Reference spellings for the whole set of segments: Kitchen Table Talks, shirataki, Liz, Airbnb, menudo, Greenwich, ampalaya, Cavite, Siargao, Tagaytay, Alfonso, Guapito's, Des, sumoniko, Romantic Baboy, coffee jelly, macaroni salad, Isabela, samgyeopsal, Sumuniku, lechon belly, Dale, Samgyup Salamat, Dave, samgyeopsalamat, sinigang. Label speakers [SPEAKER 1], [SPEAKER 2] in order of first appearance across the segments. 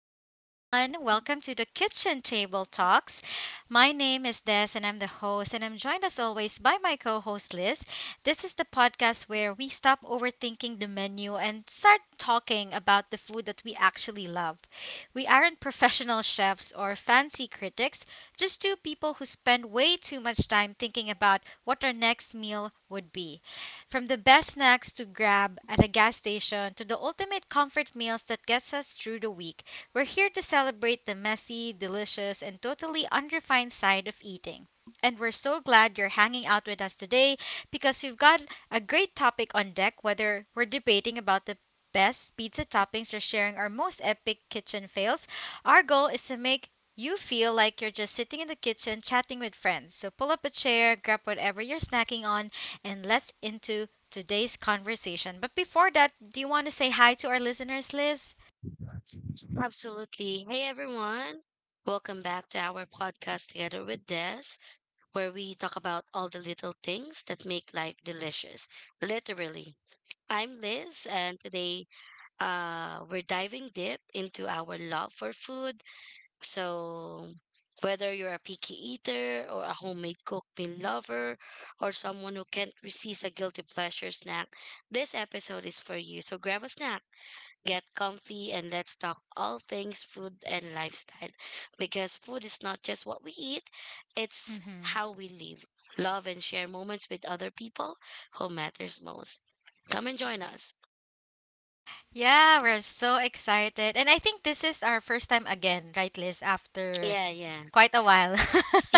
[SPEAKER 1] everyone. Welcome to the Kitchen Table Talks. My name is Des, and I'm the host, and I'm joined as always by my co host Liz. This is the podcast where we stop overthinking the menu and start talking about the food that we actually love. We aren't professional chefs or fancy critics, just two people who spend way too much time thinking about what our next meal would be. From the best snacks to grab at a gas station to the ultimate comfort meals that gets us through the week, we're here to celebrate the messy, delicious, and totally unrefined side of eating. And we're so glad you're hanging out with us today because we've got a great topic on deck, whether we're debating about the best pizza toppings or sharing our most epic kitchen fails. Our goal is to make you feel like you're just sitting in the kitchen chatting with friends. So pull up a chair, grab whatever you're snacking on, and let's into today's conversation. But before that, do you want to say hi to our listeners, Liz?
[SPEAKER 2] Absolutely. Hey everyone. Welcome back to our podcast together with Des, where we talk about all the little things that make life delicious. Literally. I'm Liz and today we're diving deep into our love for food. So whether you're a picky eater or a homemade cook meal lover or someone who can't resist a guilty pleasure snack, this episode is for you. So grab a snack. Get comfy and let's talk all things food and lifestyle because food is not just what we eat, it's
[SPEAKER 1] Mm-hmm.
[SPEAKER 2] how we live, love, and share moments with other people who matters most. Come and join us.
[SPEAKER 1] Yeah, we're so excited. And I think this is our first time again, right, Liz, after
[SPEAKER 2] Yeah, yeah.
[SPEAKER 1] quite a while.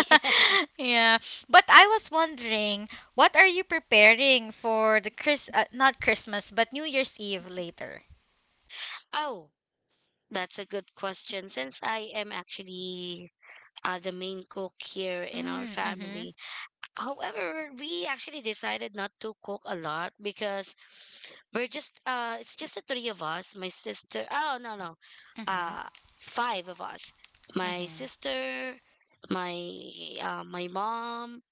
[SPEAKER 1] Yeah. But I was wondering, what are you preparing for the Chris not Christmas, but New Year's Eve later?
[SPEAKER 2] Oh, that's a good question. Since I am actually the main cook here in our
[SPEAKER 1] Mm, mm-hmm.
[SPEAKER 2] family. However, we actually decided not to cook a lot because we're just it's just the three of us, my sister. Oh, no, no.
[SPEAKER 1] Mm-hmm.
[SPEAKER 2] Uh five of us. My
[SPEAKER 1] Mm-hmm.
[SPEAKER 2] sister, my my mom,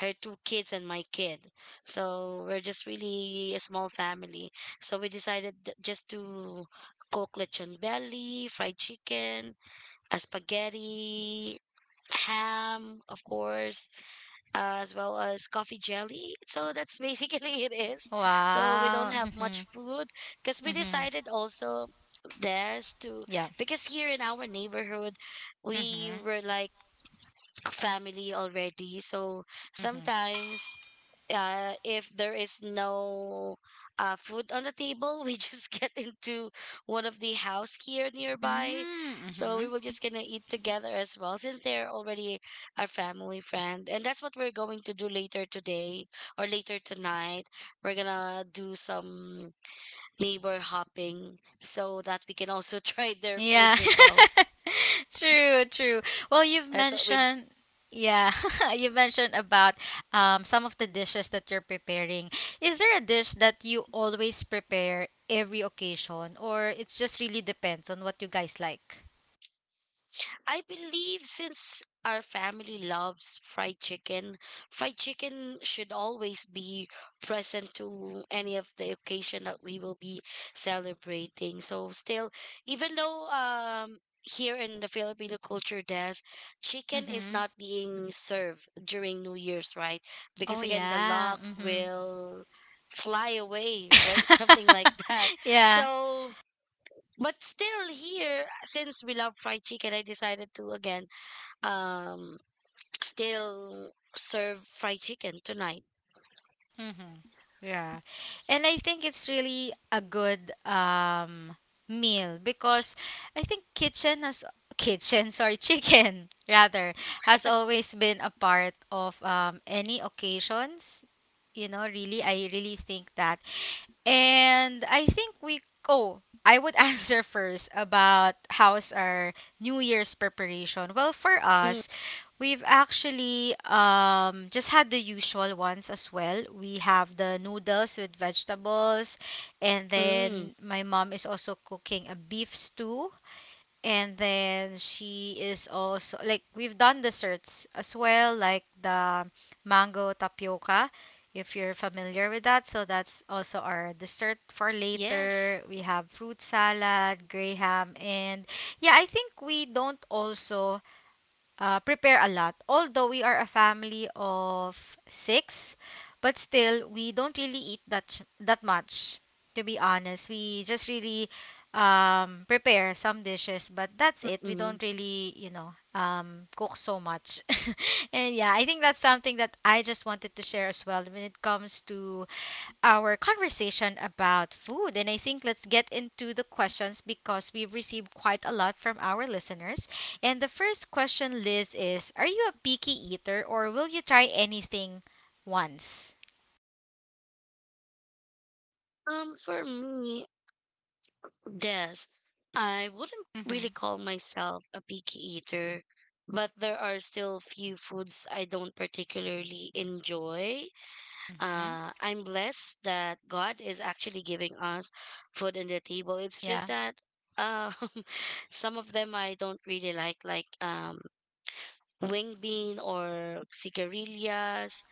[SPEAKER 2] her two kids and my kid. So we're just really a small family. So we decided just to cook lechon belly, fried chicken, spaghetti, ham, of course, as well as coffee jelly. So that's basically it is. So we don't
[SPEAKER 1] Wow.
[SPEAKER 2] have much
[SPEAKER 1] Mhm.
[SPEAKER 2] food because we
[SPEAKER 1] Mhm.
[SPEAKER 2] decided also there's to
[SPEAKER 1] Yeah.
[SPEAKER 2] because here in our neighborhood we
[SPEAKER 1] Mm-hmm.
[SPEAKER 2] were like a family already, so
[SPEAKER 1] Mm-hmm.
[SPEAKER 2] sometimes if there is no food on the table, we just get into one of the house here nearby. So we
[SPEAKER 1] Mm-hmm.
[SPEAKER 2] were just gonna eat together as well, since they're already our family friend, and that's what we're going to do later today or later tonight. We're gonna do some neighbor hopping so that we can also try their
[SPEAKER 1] Yeah.
[SPEAKER 2] foods as well.
[SPEAKER 1] True, true. Well,
[SPEAKER 2] That's what we
[SPEAKER 1] yeah, you mentioned about some of the dishes that you're preparing. Is there a dish that you always prepare every occasion, or it's just really depends on what you guys like?
[SPEAKER 2] I believe since our family loves fried chicken should always be present to any of the occasion that we will be celebrating. So still, even though here in the Filipino culture there's chicken is
[SPEAKER 1] Mhm.
[SPEAKER 2] not being served during New Year's, right?
[SPEAKER 1] Oh
[SPEAKER 2] Because again the
[SPEAKER 1] yeah.
[SPEAKER 2] luck
[SPEAKER 1] Mhm.
[SPEAKER 2] will fly away, right? Something like that.
[SPEAKER 1] Yeah.
[SPEAKER 2] So but still here since we love fried chicken I decided to again um still serve fried chicken tonight.
[SPEAKER 1] Mm-hmm. Yeah. And I think it's really a good meal because I think kitchen has kitchen, sorry, chicken rather has always been a part of any occasions. You know, really, I really think that and I think we oh, I would answer first about how's our New Year's preparation. Well, for
[SPEAKER 2] Mm,
[SPEAKER 1] us, we've actually just had the usual ones as well. We have the noodles with vegetables, and
[SPEAKER 2] mm,
[SPEAKER 1] then my mom is also cooking a beef stew, and then she is also, like, we've done desserts as well, like the mango tapioca, if you're familiar with that. So that's also our dessert for
[SPEAKER 2] eh, yes.
[SPEAKER 1] later. We have fruit salad graham and, yeah, I think we don't also prepare a lot. Although we are a family of six, but still we don't really eat that much. To be honest, we just really prepare some dishes, but that's it. We
[SPEAKER 2] Mm.
[SPEAKER 1] don't really, cook so much. And yeah, I think that's something that I just wanted to share as well when it comes to our conversation about food. And I think let's get into the questions because we've received quite a lot from our listeners. And the first question, Liz, is, are you a picky eater or will you try anything once?
[SPEAKER 2] For me, Des, I wouldn't really
[SPEAKER 1] Mm-hmm.
[SPEAKER 2] call myself a picky eater, but there are still few foods I don't particularly enjoy.
[SPEAKER 1] Mm-hmm.
[SPEAKER 2] I'm blessed that God is actually giving us food on the table. It's just
[SPEAKER 1] Yeah.
[SPEAKER 2] that um, some of them I don't really like wing bean or cigarillas,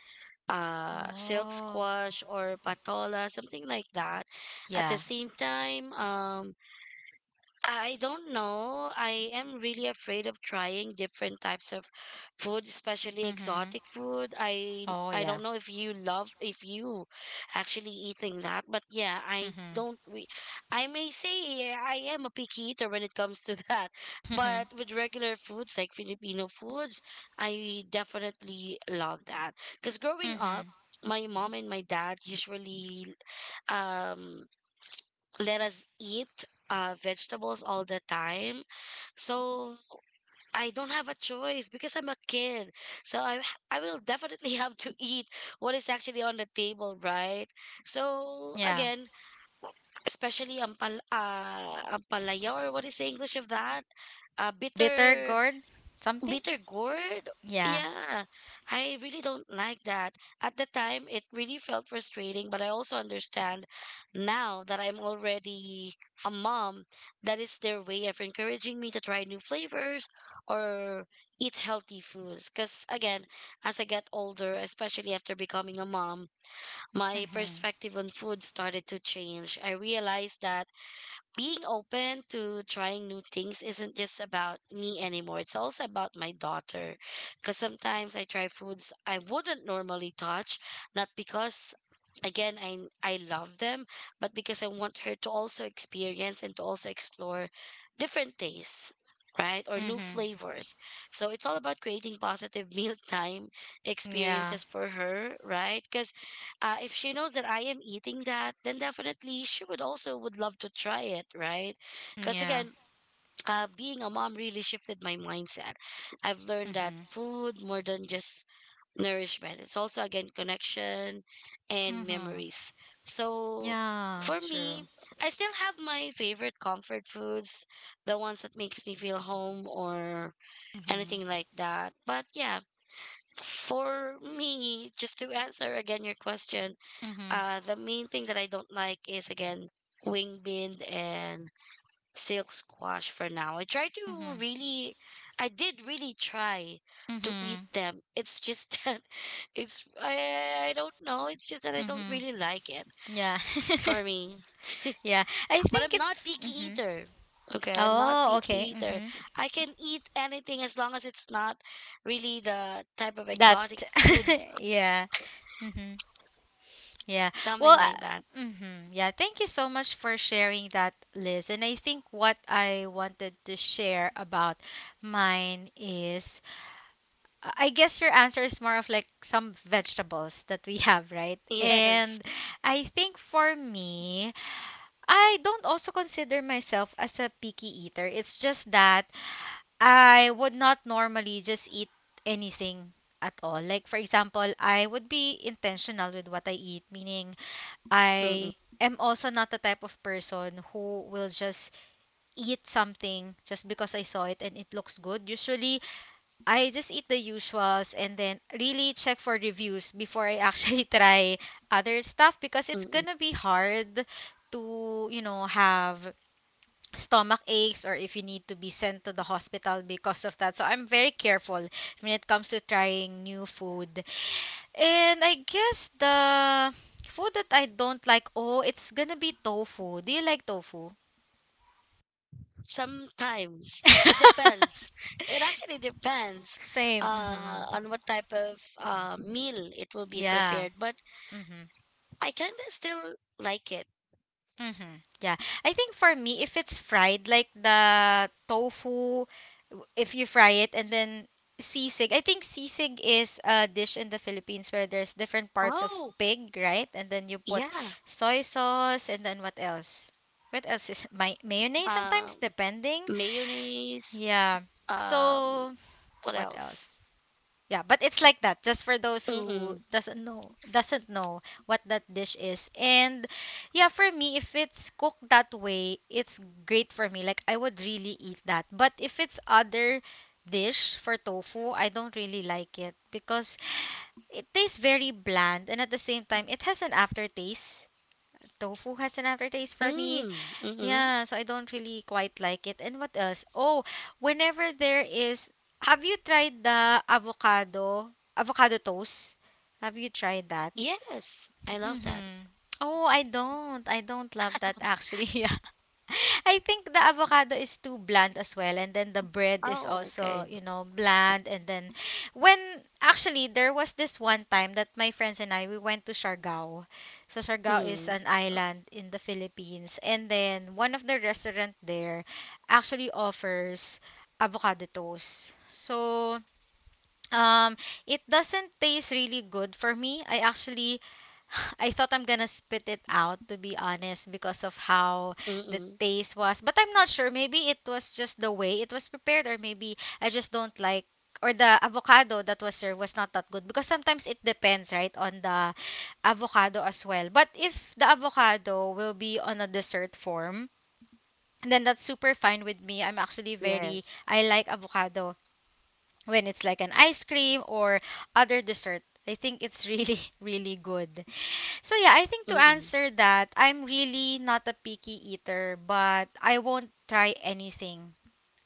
[SPEAKER 2] silk
[SPEAKER 1] Oh,
[SPEAKER 2] squash or patola, something like that. At the
[SPEAKER 1] yeah.
[SPEAKER 2] same time, I don't know. I am really afraid of trying different types of food, especially
[SPEAKER 1] Mm-hmm.
[SPEAKER 2] exotic food. I
[SPEAKER 1] Oh,
[SPEAKER 2] I
[SPEAKER 1] yeah.
[SPEAKER 2] don't know if you love if you actually eating that, but yeah, I
[SPEAKER 1] Mm-hmm.
[SPEAKER 2] don't we I may say I am a picky eater when it comes to that.
[SPEAKER 1] Mm-hmm.
[SPEAKER 2] But with regular foods like Filipino foods, I definitely love that. Because growing up,
[SPEAKER 1] Mm-hmm.
[SPEAKER 2] my mom and my dad usually um let us eat vegetables all the time. So I don't have a choice because I'm a kid. So I will definitely have to eat what is actually on the table, right? So
[SPEAKER 1] Yeah.
[SPEAKER 2] again, especially ampalaya, or what is the English of that?
[SPEAKER 1] Bitter
[SPEAKER 2] Bitter.
[SPEAKER 1] gourd? Something?
[SPEAKER 2] Bitter gourd,
[SPEAKER 1] Yeah.
[SPEAKER 2] yeah. I really don't like that. At the time it really felt frustrating, but I also understand now that I'm already a mom, that is their way of encouraging me to try new flavors or eat healthy foods. Because again, as I get older, especially after becoming a mom, my
[SPEAKER 1] Mm-hmm.
[SPEAKER 2] perspective on food started to change. I realized that being open to trying new things isn't just about me anymore. It's also about my daughter. Because sometimes I try foods I wouldn't normally touch, not because again I love them, but because I want her to also experience and to also explore different tastes. Right? Or new
[SPEAKER 1] Mm-hmm.
[SPEAKER 2] flavors, so it's all about creating positive mealtime
[SPEAKER 1] Yeah.
[SPEAKER 2] experiences for her, right? Because if she knows that I am eating that, then definitely she would also would love to try it, right? Because
[SPEAKER 1] Yeah.
[SPEAKER 2] again, being a mom really shifted my mindset. I've learned that
[SPEAKER 1] Mm-hmm.
[SPEAKER 2] food more than just nourishment. It's also again connection and
[SPEAKER 1] Mhm.
[SPEAKER 2] memories. So
[SPEAKER 1] Yeah,
[SPEAKER 2] for
[SPEAKER 1] true.
[SPEAKER 2] me, I still have my favorite comfort foods, the ones that makes me feel home or
[SPEAKER 1] Mhm.
[SPEAKER 2] anything like that. But yeah, for me, just to answer again your question,
[SPEAKER 1] Mhm.
[SPEAKER 2] the main thing that I don't like is again wing bean and silk squash for now. I try to
[SPEAKER 1] Mhm.
[SPEAKER 2] really, I did really try to eat
[SPEAKER 1] Mhm.
[SPEAKER 2] them. It's just that it's I don't know. It's just that I don't
[SPEAKER 1] Mhm.
[SPEAKER 2] really like it
[SPEAKER 1] Yeah.
[SPEAKER 2] for me.
[SPEAKER 1] Yeah. I
[SPEAKER 2] But
[SPEAKER 1] think
[SPEAKER 2] I'm not
[SPEAKER 1] it's
[SPEAKER 2] picky
[SPEAKER 1] mhm.
[SPEAKER 2] eater. Okay, I'm not
[SPEAKER 1] Oh,
[SPEAKER 2] picky
[SPEAKER 1] okay.
[SPEAKER 2] eater.
[SPEAKER 1] Mhm.
[SPEAKER 2] I can eat anything as long as it's not really the type of
[SPEAKER 1] That
[SPEAKER 2] exotic food,
[SPEAKER 1] yeah. Mhm. Yeah.
[SPEAKER 2] something
[SPEAKER 1] Well,
[SPEAKER 2] like that.
[SPEAKER 1] mhm. Yeah, thank you so much for sharing that, Liz. And I think what I wanted to share about mine is, I guess your answer is more of like some vegetables that we have, right?
[SPEAKER 2] Yes.
[SPEAKER 1] And I think for me, I don't also consider myself as a picky eater. It's just that I would not normally just eat anything at all. Like, for example, I would be intentional with what I eat, meaning
[SPEAKER 2] Mm-mm.
[SPEAKER 1] I am also not the type of person who will just eat something just because I saw it and it looks good. Usually, I just eat the usuals and then really check for reviews before I actually try other stuff, because it's
[SPEAKER 2] Mm-mm.
[SPEAKER 1] gonna be hard to, you know, have stomach aches, or if you need to be sent to the hospital because of that. So I'm very careful when it comes to trying new food. And I guess the food that I don't like, oh, it's gonna be tofu. Do you like tofu?
[SPEAKER 2] Sometimes it depends. It actually depends
[SPEAKER 1] Same. Hmm.
[SPEAKER 2] on what type of meal it will be
[SPEAKER 1] Yeah.
[SPEAKER 2] prepared, but
[SPEAKER 1] Mm-hmm.
[SPEAKER 2] I kind of still like it.
[SPEAKER 1] Mm-hmm. Yeah. I think for me, if it's fried, like the tofu, if you fry it and then sisig. I think sisig is a dish in the Philippines where there's different parts of
[SPEAKER 2] Oh,
[SPEAKER 1] pig, right? And then you put
[SPEAKER 2] yeah.
[SPEAKER 1] soy sauce and then what else? What else is my mayonnaise
[SPEAKER 2] Um,
[SPEAKER 1] sometimes, depending?
[SPEAKER 2] mayonnaise.
[SPEAKER 1] Yeah.
[SPEAKER 2] Um,
[SPEAKER 1] So,
[SPEAKER 2] what
[SPEAKER 1] what else?
[SPEAKER 2] else?
[SPEAKER 1] Yeah, but it's like that just for those who
[SPEAKER 2] Mm-mm.
[SPEAKER 1] doesn't know what that dish is. And yeah, for me, if it's cooked that way, it's great for me. Like, I would really eat that. But if it's other dish for tofu, I don't really like it because it tastes very bland, and at the same time it has an aftertaste. Tofu has an aftertaste for me,
[SPEAKER 2] Mm, mm-mm.
[SPEAKER 1] yeah, so I don't really quite like it. And what else? Oh, whenever there is, have you tried avocado toast? Have you tried that?
[SPEAKER 2] Yes, I love that.
[SPEAKER 1] Mm-hmm. Oh, I don't. I don't love that, actually. Yeah. I think the avocado is too bland as well, and then the bread is
[SPEAKER 2] Oh,
[SPEAKER 1] also,
[SPEAKER 2] okay.
[SPEAKER 1] you know, bland. And then when actually there was this one time that my friends and I, we went to Siargao. So Siargao is
[SPEAKER 2] Mm,
[SPEAKER 1] an island in the Philippines, and then one of the restaurant there actually offers avocado toast. So, um, it doesn't taste really good for me. I actually I thought I'm gonna spit it out, to be honest, because of how the
[SPEAKER 2] mm-mm.
[SPEAKER 1] taste was. But I'm not sure. Maybe it was just the way it was prepared, or maybe I just don't like, or the avocado that was served was not that good, because sometimes it depends, right, on the avocado as well. But if the avocado will be on a dessert form, then that's super fine with me. I'm actually very,
[SPEAKER 2] Yes.
[SPEAKER 1] I like avocado when it's like an ice cream or other dessert. I think it's really, really good. So yeah, I think to
[SPEAKER 2] Mm-mm.
[SPEAKER 1] answer that, I'm really not a picky eater, but I won't try anything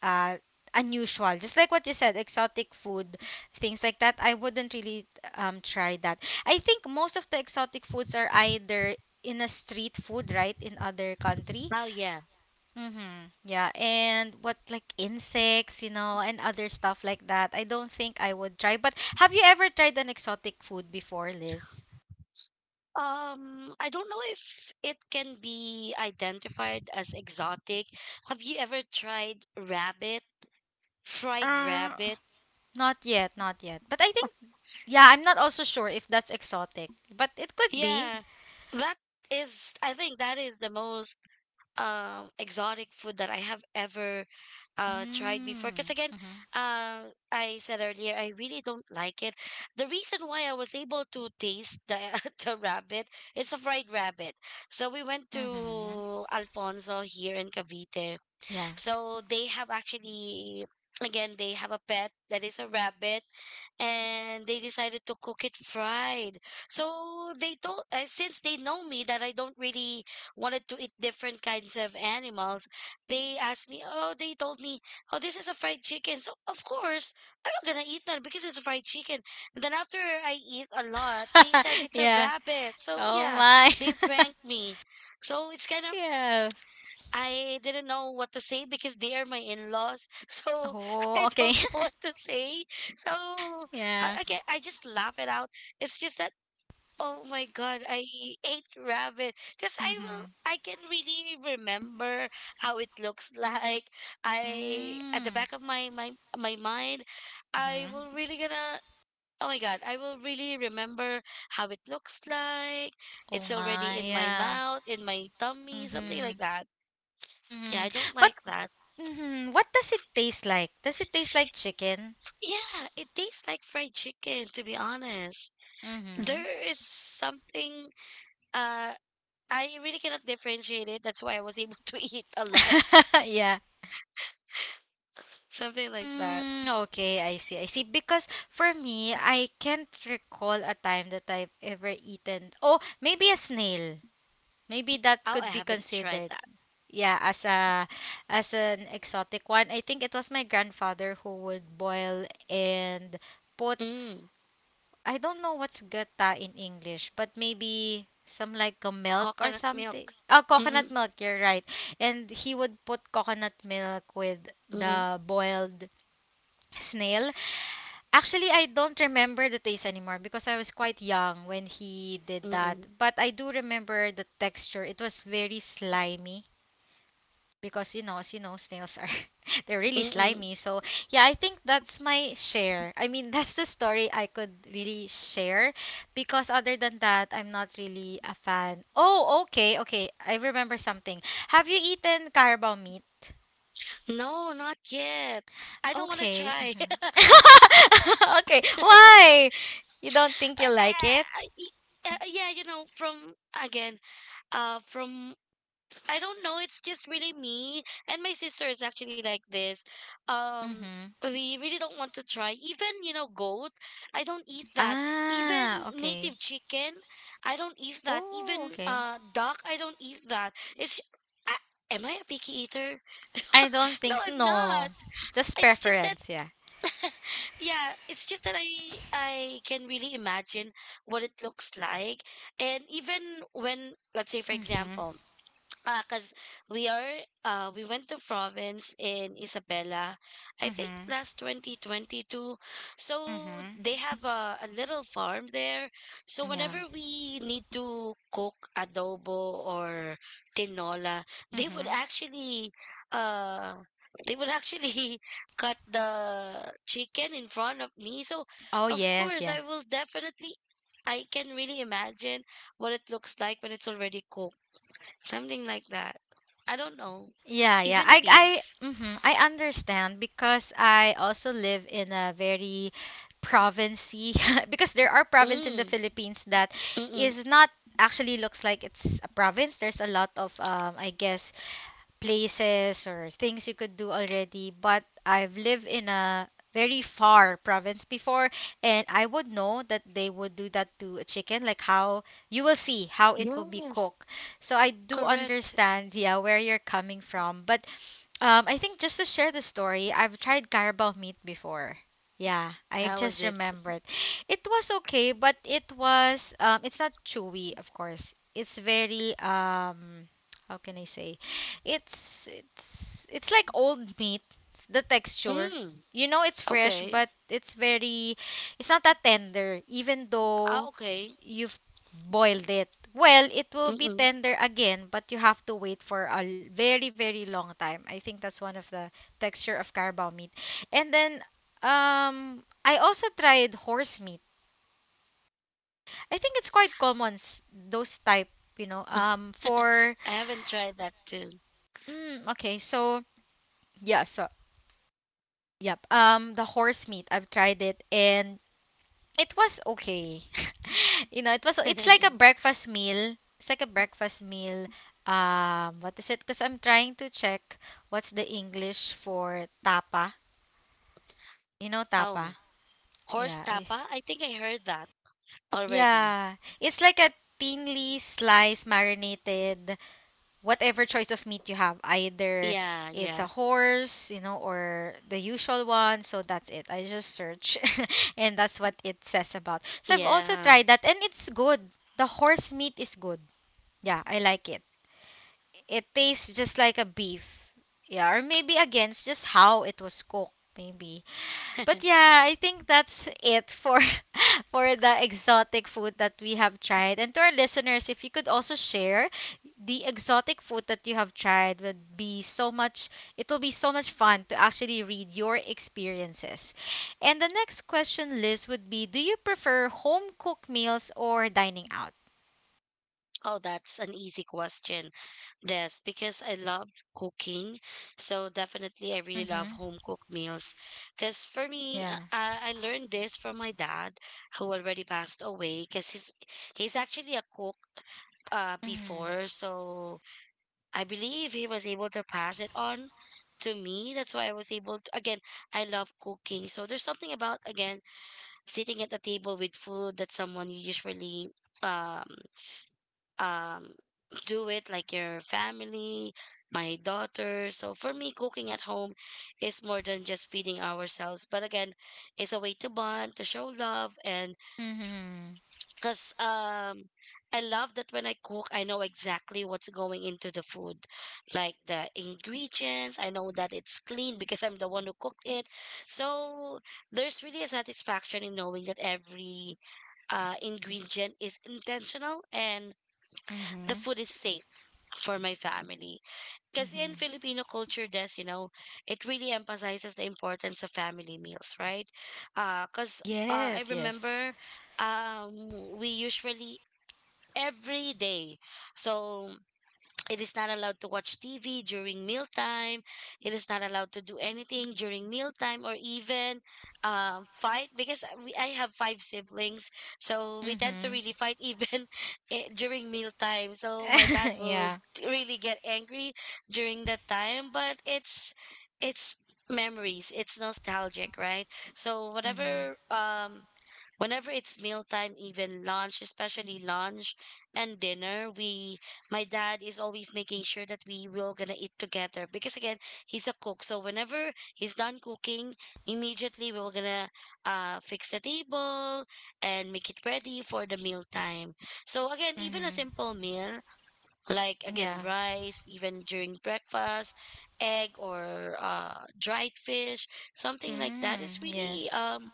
[SPEAKER 1] uh unusual. Just like what you said, exotic food, things like that. I wouldn't really try that. I think most of the exotic foods are either in a street food, right, in other country.
[SPEAKER 2] Oh, yeah.
[SPEAKER 1] Mm-hmm. Yeah, and what, like, insects, you know, and other stuff like that. I don't think I would try. But have you ever tried an exotic food before, Liz?
[SPEAKER 2] I don't know if it can be identified as exotic. Have you ever tried rabbit? Fried
[SPEAKER 1] Uh,
[SPEAKER 2] rabbit?
[SPEAKER 1] Not yet, not yet. But I think, yeah, I'm not also sure if that's exotic, but it could be.
[SPEAKER 2] Yeah, that is, I think that is the most exotic food that I have ever tried
[SPEAKER 1] Mm.
[SPEAKER 2] before. Because again,
[SPEAKER 1] Mm-hmm.
[SPEAKER 2] I said earlier, I really don't like it. The reason why I was able to taste the the rabbit, it's a fried rabbit. So we went
[SPEAKER 1] Mm-hmm.
[SPEAKER 2] to Alfonso here in Cavite.
[SPEAKER 1] Yeah.
[SPEAKER 2] So they have actually, again, they have a pet that is a rabbit and they decided to cook it fried. So they told, since they know me that I don't really wanted to eat different kinds of animals, they asked me, oh, they told me, oh, this is a fried chicken. So of course, I'm not gonna eat that because it's fried chicken. And then after I eat a lot, they said it's a
[SPEAKER 1] Yeah.
[SPEAKER 2] rabbit. So
[SPEAKER 1] Oh
[SPEAKER 2] yeah,
[SPEAKER 1] my.
[SPEAKER 2] they pranked me. So it's kind of
[SPEAKER 1] Yeah.
[SPEAKER 2] I didn't know what to say because they are my in-laws. So I
[SPEAKER 1] Oh, okay.
[SPEAKER 2] don't know what to say. So
[SPEAKER 1] Yeah.
[SPEAKER 2] I just laugh it out. It's just that, oh my God, I ate rabbit. Because I will,
[SPEAKER 1] Mm-hmm.
[SPEAKER 2] I can really remember how it looks like. I, at the
[SPEAKER 1] Mm-hmm.
[SPEAKER 2] back of my mind, I will
[SPEAKER 1] Mm-hmm.
[SPEAKER 2] really gonna, oh my God, I will really remember how it looks like.
[SPEAKER 1] Oh
[SPEAKER 2] It's already
[SPEAKER 1] my.
[SPEAKER 2] in my
[SPEAKER 1] Yeah.
[SPEAKER 2] mouth, in my tummy, something like
[SPEAKER 1] Mm-hmm.
[SPEAKER 2] that. Yeah,
[SPEAKER 1] Mhm.
[SPEAKER 2] I don't
[SPEAKER 1] What,
[SPEAKER 2] like that.
[SPEAKER 1] mhm, what does it taste like? Does it taste like chicken?
[SPEAKER 2] Yeah, it tastes like fried chicken, to be honest. There
[SPEAKER 1] Mhm.
[SPEAKER 2] is something uh I really cannot differentiate it. That's why I was able to eat a lot.
[SPEAKER 1] Yeah.
[SPEAKER 2] Something like that.
[SPEAKER 1] Mm, okay, I see. I see. Because for me, I can't recall a time that I've ever eaten. Oh, maybe a snail. Maybe that
[SPEAKER 2] Oh, I
[SPEAKER 1] could be
[SPEAKER 2] haven't tried
[SPEAKER 1] considered.
[SPEAKER 2] that.
[SPEAKER 1] Yeah, as a as an exotic one. I think it was my grandfather who would boil and put,
[SPEAKER 2] Mm,
[SPEAKER 1] I don't know what's gata in English, but maybe some like a milk or
[SPEAKER 2] coconut milk.
[SPEAKER 1] something. Oh,
[SPEAKER 2] Mm-mm,
[SPEAKER 1] coconut milk, you're right. And he would put coconut milk with
[SPEAKER 2] mm-mm,
[SPEAKER 1] the boiled snail. Actually, I don't remember the taste anymore because I was quite young when he did that.
[SPEAKER 2] mm-mm,
[SPEAKER 1] But I do remember the texture. It was very slimy because, you know, as you know, snails are they're really
[SPEAKER 2] mm-mm.
[SPEAKER 1] slimy. So yeah, I think that's my share. I mean, that's the story I could really share, because other than that, I'm not really a fan. Oh, okay, okay. I remember something. Have you eaten carabao meat?
[SPEAKER 2] No, not yet. I don't want to
[SPEAKER 1] Okay.
[SPEAKER 2] try.
[SPEAKER 1] Mhm. Okay. Why? You don't think you like it?
[SPEAKER 2] Yeah, you know, again, from I don't know. It's just really me. And my sister is actually like this. Um,
[SPEAKER 1] Mm-hmm.
[SPEAKER 2] we really don't want to try. Even, you know, goat, I don't eat that. Even
[SPEAKER 1] Ah, okay.
[SPEAKER 2] native chicken, I don't eat that.
[SPEAKER 1] Oh,
[SPEAKER 2] Even
[SPEAKER 1] okay.
[SPEAKER 2] duck, I don't eat that. It's, I, am I a picky eater?
[SPEAKER 1] I don't
[SPEAKER 2] No,
[SPEAKER 1] think s-
[SPEAKER 2] I'm not.
[SPEAKER 1] no. Just
[SPEAKER 2] It's just that,
[SPEAKER 1] preference, yeah.
[SPEAKER 2] yeah, it's just that I can really imagine what it looks like. And even when, let's say, for
[SPEAKER 1] Mm-hmm.
[SPEAKER 2] example, cause we are we went to province in Isabela, I think
[SPEAKER 1] Mm-hmm.
[SPEAKER 2] last 2022. So
[SPEAKER 1] Mhm.
[SPEAKER 2] they have a little farm there. So
[SPEAKER 1] Yeah.
[SPEAKER 2] whenever we need to cook adobo or tinola, they would
[SPEAKER 1] Mhm.
[SPEAKER 2] actually uh they would actually cut the chicken in front of me. So
[SPEAKER 1] Oh
[SPEAKER 2] of
[SPEAKER 1] yes,
[SPEAKER 2] course
[SPEAKER 1] yeah.
[SPEAKER 2] I will definitely I can really imagine what it looks like when it's already cooked. Something like that. I don't know.
[SPEAKER 1] Yeah, yeah.
[SPEAKER 2] Even pigs.
[SPEAKER 1] I mhm. I understand because I also live in a very provincey because there are province in the
[SPEAKER 2] Mm,
[SPEAKER 1] Philippines that
[SPEAKER 2] mm-mm.
[SPEAKER 1] is not actually looks like it's a province. There's a lot of I guess places or things you could do already, but I've lived in a very far province before, and I would know that they would do that to a chicken, like how you will see how it will be
[SPEAKER 2] Yes,
[SPEAKER 1] cooked. So I do
[SPEAKER 2] correct.
[SPEAKER 1] understand, yeah, where you're coming from. But I think just to share the story, I've tried carabao meat before. Yeah, I
[SPEAKER 2] How is
[SPEAKER 1] just
[SPEAKER 2] it?
[SPEAKER 1] remembered. It was okay, but it was it's not chewy, of course. It's very how can I say? It's it's like old meat. It's the texture.
[SPEAKER 2] Mm,
[SPEAKER 1] You know it's fresh,
[SPEAKER 2] okay.
[SPEAKER 1] but it's very it's not that tender even
[SPEAKER 2] Ah,
[SPEAKER 1] though
[SPEAKER 2] okay.
[SPEAKER 1] you've boiled it. Well, it will be
[SPEAKER 2] Mm-mm.
[SPEAKER 1] tender again, but you have to wait for very long time. I think that's one of the texture of carabao meat. And then I also tried horse meat. I think it's quite common those type, you know, for
[SPEAKER 2] I have tried that too.
[SPEAKER 1] mm, okay, so yeah, so Yep. The horse meat. I've tried it and it was okay. It was it's like a breakfast meal. It's like a breakfast meal. What is it? Because I'm trying to check what's the English for tapa. You know
[SPEAKER 2] Oh,
[SPEAKER 1] tapa?
[SPEAKER 2] horse
[SPEAKER 1] Yeah.
[SPEAKER 2] tapa?
[SPEAKER 1] It's,
[SPEAKER 2] I think I heard that already.
[SPEAKER 1] yeah. It's like a thinly sliced marinated whatever choice of meat you have either
[SPEAKER 2] Yeah,
[SPEAKER 1] it's a
[SPEAKER 2] yeah,
[SPEAKER 1] horse you know or the usual one, so that's it. I just search and that's what it says about. So I've also
[SPEAKER 2] yeah.
[SPEAKER 1] tried that and it's good. The horse meat is good. Yeah, I like it. It tastes just like a beef. Yeah, or maybe against just how it was cooked maybe. But yeah, I think that's it for for the exotic food that we have tried. And to our listeners, if you could also share the exotic food that you have tried would be so much it will be so much fun to actually read your experiences. And the next question list would be, do you prefer home cooked meals or dining out?
[SPEAKER 2] Oh, that's an easy question. Yes, because I love cooking. So definitely I really love
[SPEAKER 1] Mhm.
[SPEAKER 2] home cooked meals. Because for me, I,
[SPEAKER 1] Yeah.
[SPEAKER 2] I I learned this from my dad who already passed away because he's actually a cook
[SPEAKER 1] Mhm.
[SPEAKER 2] before. So I believe he was able to pass it on to me. That's why I was able to, again, I love cooking. So there's something about, again, sitting at the table with food that someone you usually um um, do it like your family, my daughter. So for me, cooking at home is more than just feeding ourselves, but again, it's a way to bond, to show love, and
[SPEAKER 1] Mhm.
[SPEAKER 2] because I love that when I cook, I know exactly what's going into the food, like the ingredients. I know that it's clean because I'm the one who cooked it. So there's really a satisfaction in knowing that every ingredient is intentional and the
[SPEAKER 1] Mhm.
[SPEAKER 2] food is safe for my family. Because in
[SPEAKER 1] Mhm.
[SPEAKER 2] Filipino culture, Des, it really emphasizes the importance of family meals, right? Because I
[SPEAKER 1] Yes, yes.
[SPEAKER 2] remember we usually every day, so it is not allowed to watch TV during mealtime. It is not allowed to do anything during mealtime or even fight because I have 5 siblings. So we tend to
[SPEAKER 1] Mhm.
[SPEAKER 2] really fight even during mealtime. So my dad will
[SPEAKER 1] yeah.
[SPEAKER 2] really get angry during that time. But it's memories, it's nostalgic, right? So
[SPEAKER 1] Mhm.
[SPEAKER 2] whatever. Whenever it's mealtime, even lunch, especially lunch and dinner, we my dad is always making sure that we will gonna eat together because again, he's a cook. So whenever he's done cooking, immediately we were gonna fix the table and make it ready for the mealtime. So again, even a
[SPEAKER 1] Mhm.
[SPEAKER 2] simple meal like again
[SPEAKER 1] Yeah.
[SPEAKER 2] rice, even during breakfast, egg or dried fish, something like that is
[SPEAKER 1] Mm,
[SPEAKER 2] really
[SPEAKER 1] yes.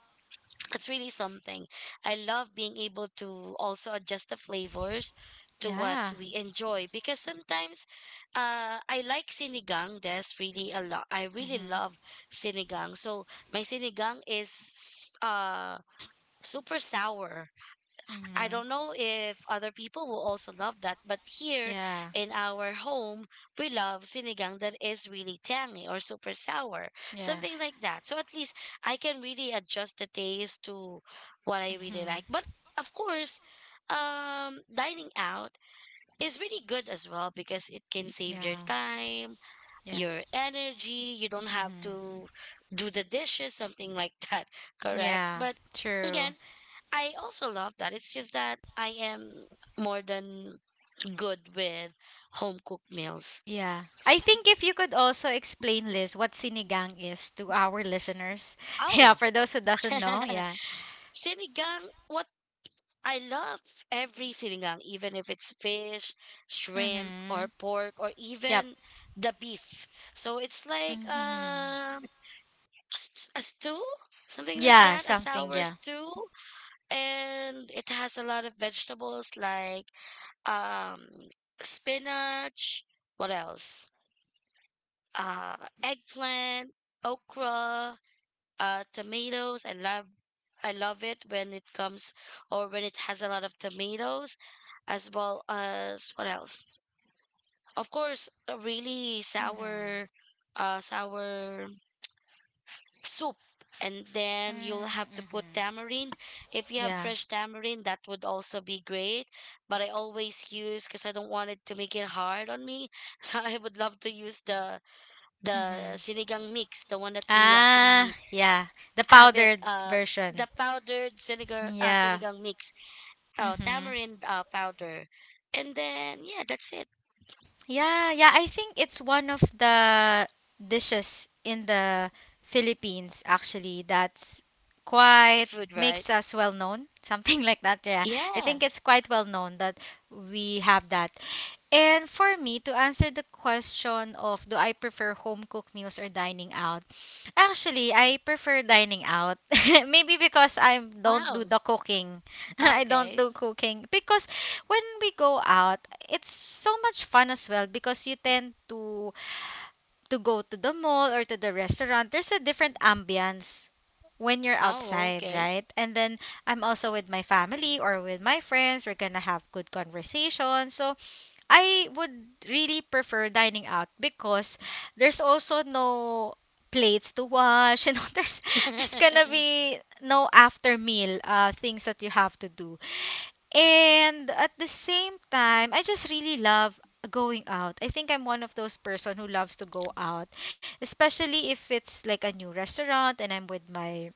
[SPEAKER 2] it's really something. I love being able to also adjust the flavors to what
[SPEAKER 1] Yeah.
[SPEAKER 2] we enjoy because sometimes I like sinigang. That's really a lot. I really
[SPEAKER 1] Mhm.
[SPEAKER 2] love sinigang. So my sinigang is super sour. I
[SPEAKER 1] Mhm.
[SPEAKER 2] don't know if other people will also love that, but here
[SPEAKER 1] Yeah.
[SPEAKER 2] in our home, we love sinigang that is really tangy or super sour,
[SPEAKER 1] Yeah.
[SPEAKER 2] something like that. So at least I can really adjust the taste to what I really
[SPEAKER 1] Mhm.
[SPEAKER 2] like. But of course, dining out is really good as well because it can save your
[SPEAKER 1] Yeah.
[SPEAKER 2] time,
[SPEAKER 1] Yeah.
[SPEAKER 2] your energy. You don't have
[SPEAKER 1] Mhm.
[SPEAKER 2] to do the dishes, something like that, correct?
[SPEAKER 1] Yeah.
[SPEAKER 2] But
[SPEAKER 1] True.
[SPEAKER 2] again, I also love that. It's just that I am more than good with home cooked meals.
[SPEAKER 1] Yeah. I think if you could also explain, Liz, what sinigang is to our listeners. Yeah,
[SPEAKER 2] Oh,
[SPEAKER 1] for those who doesn't know, yeah.
[SPEAKER 2] sinigang. What I love every sinigang, even if it's fish, shrimp, or
[SPEAKER 1] Mhm.
[SPEAKER 2] pork, or
[SPEAKER 1] Yep.
[SPEAKER 2] even the beef. So it's like
[SPEAKER 1] Mhm.
[SPEAKER 2] a stew, something like
[SPEAKER 1] Yeah,
[SPEAKER 2] that, a
[SPEAKER 1] something,
[SPEAKER 2] sour
[SPEAKER 1] yeah.
[SPEAKER 2] stew. And it has a lot of vegetables like um, spinach. What else? uh, Eggplant, okra, tomatoes. I love it when it comes or when it has a lot of tomatoes, as well as what else? Of course, a really
[SPEAKER 1] Mhm.
[SPEAKER 2] sour, sour soup. And then you'll
[SPEAKER 1] Mm,
[SPEAKER 2] have to put
[SPEAKER 1] mhm.
[SPEAKER 2] tamarind. If you have
[SPEAKER 1] Yeah.
[SPEAKER 2] fresh tamarind, that would also be great. But I always use because I don't want it to make it hard on me. So I would love to use the
[SPEAKER 1] Mhm.
[SPEAKER 2] sinigang mix, the one that we
[SPEAKER 1] Ah,
[SPEAKER 2] actually
[SPEAKER 1] yeah. The
[SPEAKER 2] have it,
[SPEAKER 1] powdered version.
[SPEAKER 2] the powdered sinigang,
[SPEAKER 1] Yeah.
[SPEAKER 2] sinigang mix, oh,
[SPEAKER 1] Mm-hmm.
[SPEAKER 2] tamarind powder. And then, yeah, that's it.
[SPEAKER 1] Yeah, yeah, I think it's one of the dishes in the Philippines actually that's
[SPEAKER 2] Comfort
[SPEAKER 1] quite
[SPEAKER 2] food, right?
[SPEAKER 1] makes us well known, something like that. Yeah. I
[SPEAKER 2] Yeah.
[SPEAKER 1] think it's quite well known that we have that. And for me, to answer the question of, do I prefer home cooked meals or dining out? Actually, I prefer dining out. Maybe because I
[SPEAKER 2] Wow.
[SPEAKER 1] don't do
[SPEAKER 2] Oh,
[SPEAKER 1] the cooking.
[SPEAKER 2] ah,
[SPEAKER 1] I don't
[SPEAKER 2] okay.
[SPEAKER 1] do cooking. Because when we go out, it's so much fun as well because you tend to go to the mall or to the restaurant, there's a different ambience when you're
[SPEAKER 2] Oh,
[SPEAKER 1] outside,
[SPEAKER 2] okay.
[SPEAKER 1] right? And then I'm also with my family or with my friends. We're gonna have good conversation. So I would really prefer dining out because there's also no plates to wash. You know, there's gonna be no after meal things that you have to do. And at the same time, I just really love going out. I think I'm one of those person who loves to go out, especially if it's like a new restaurant and I'm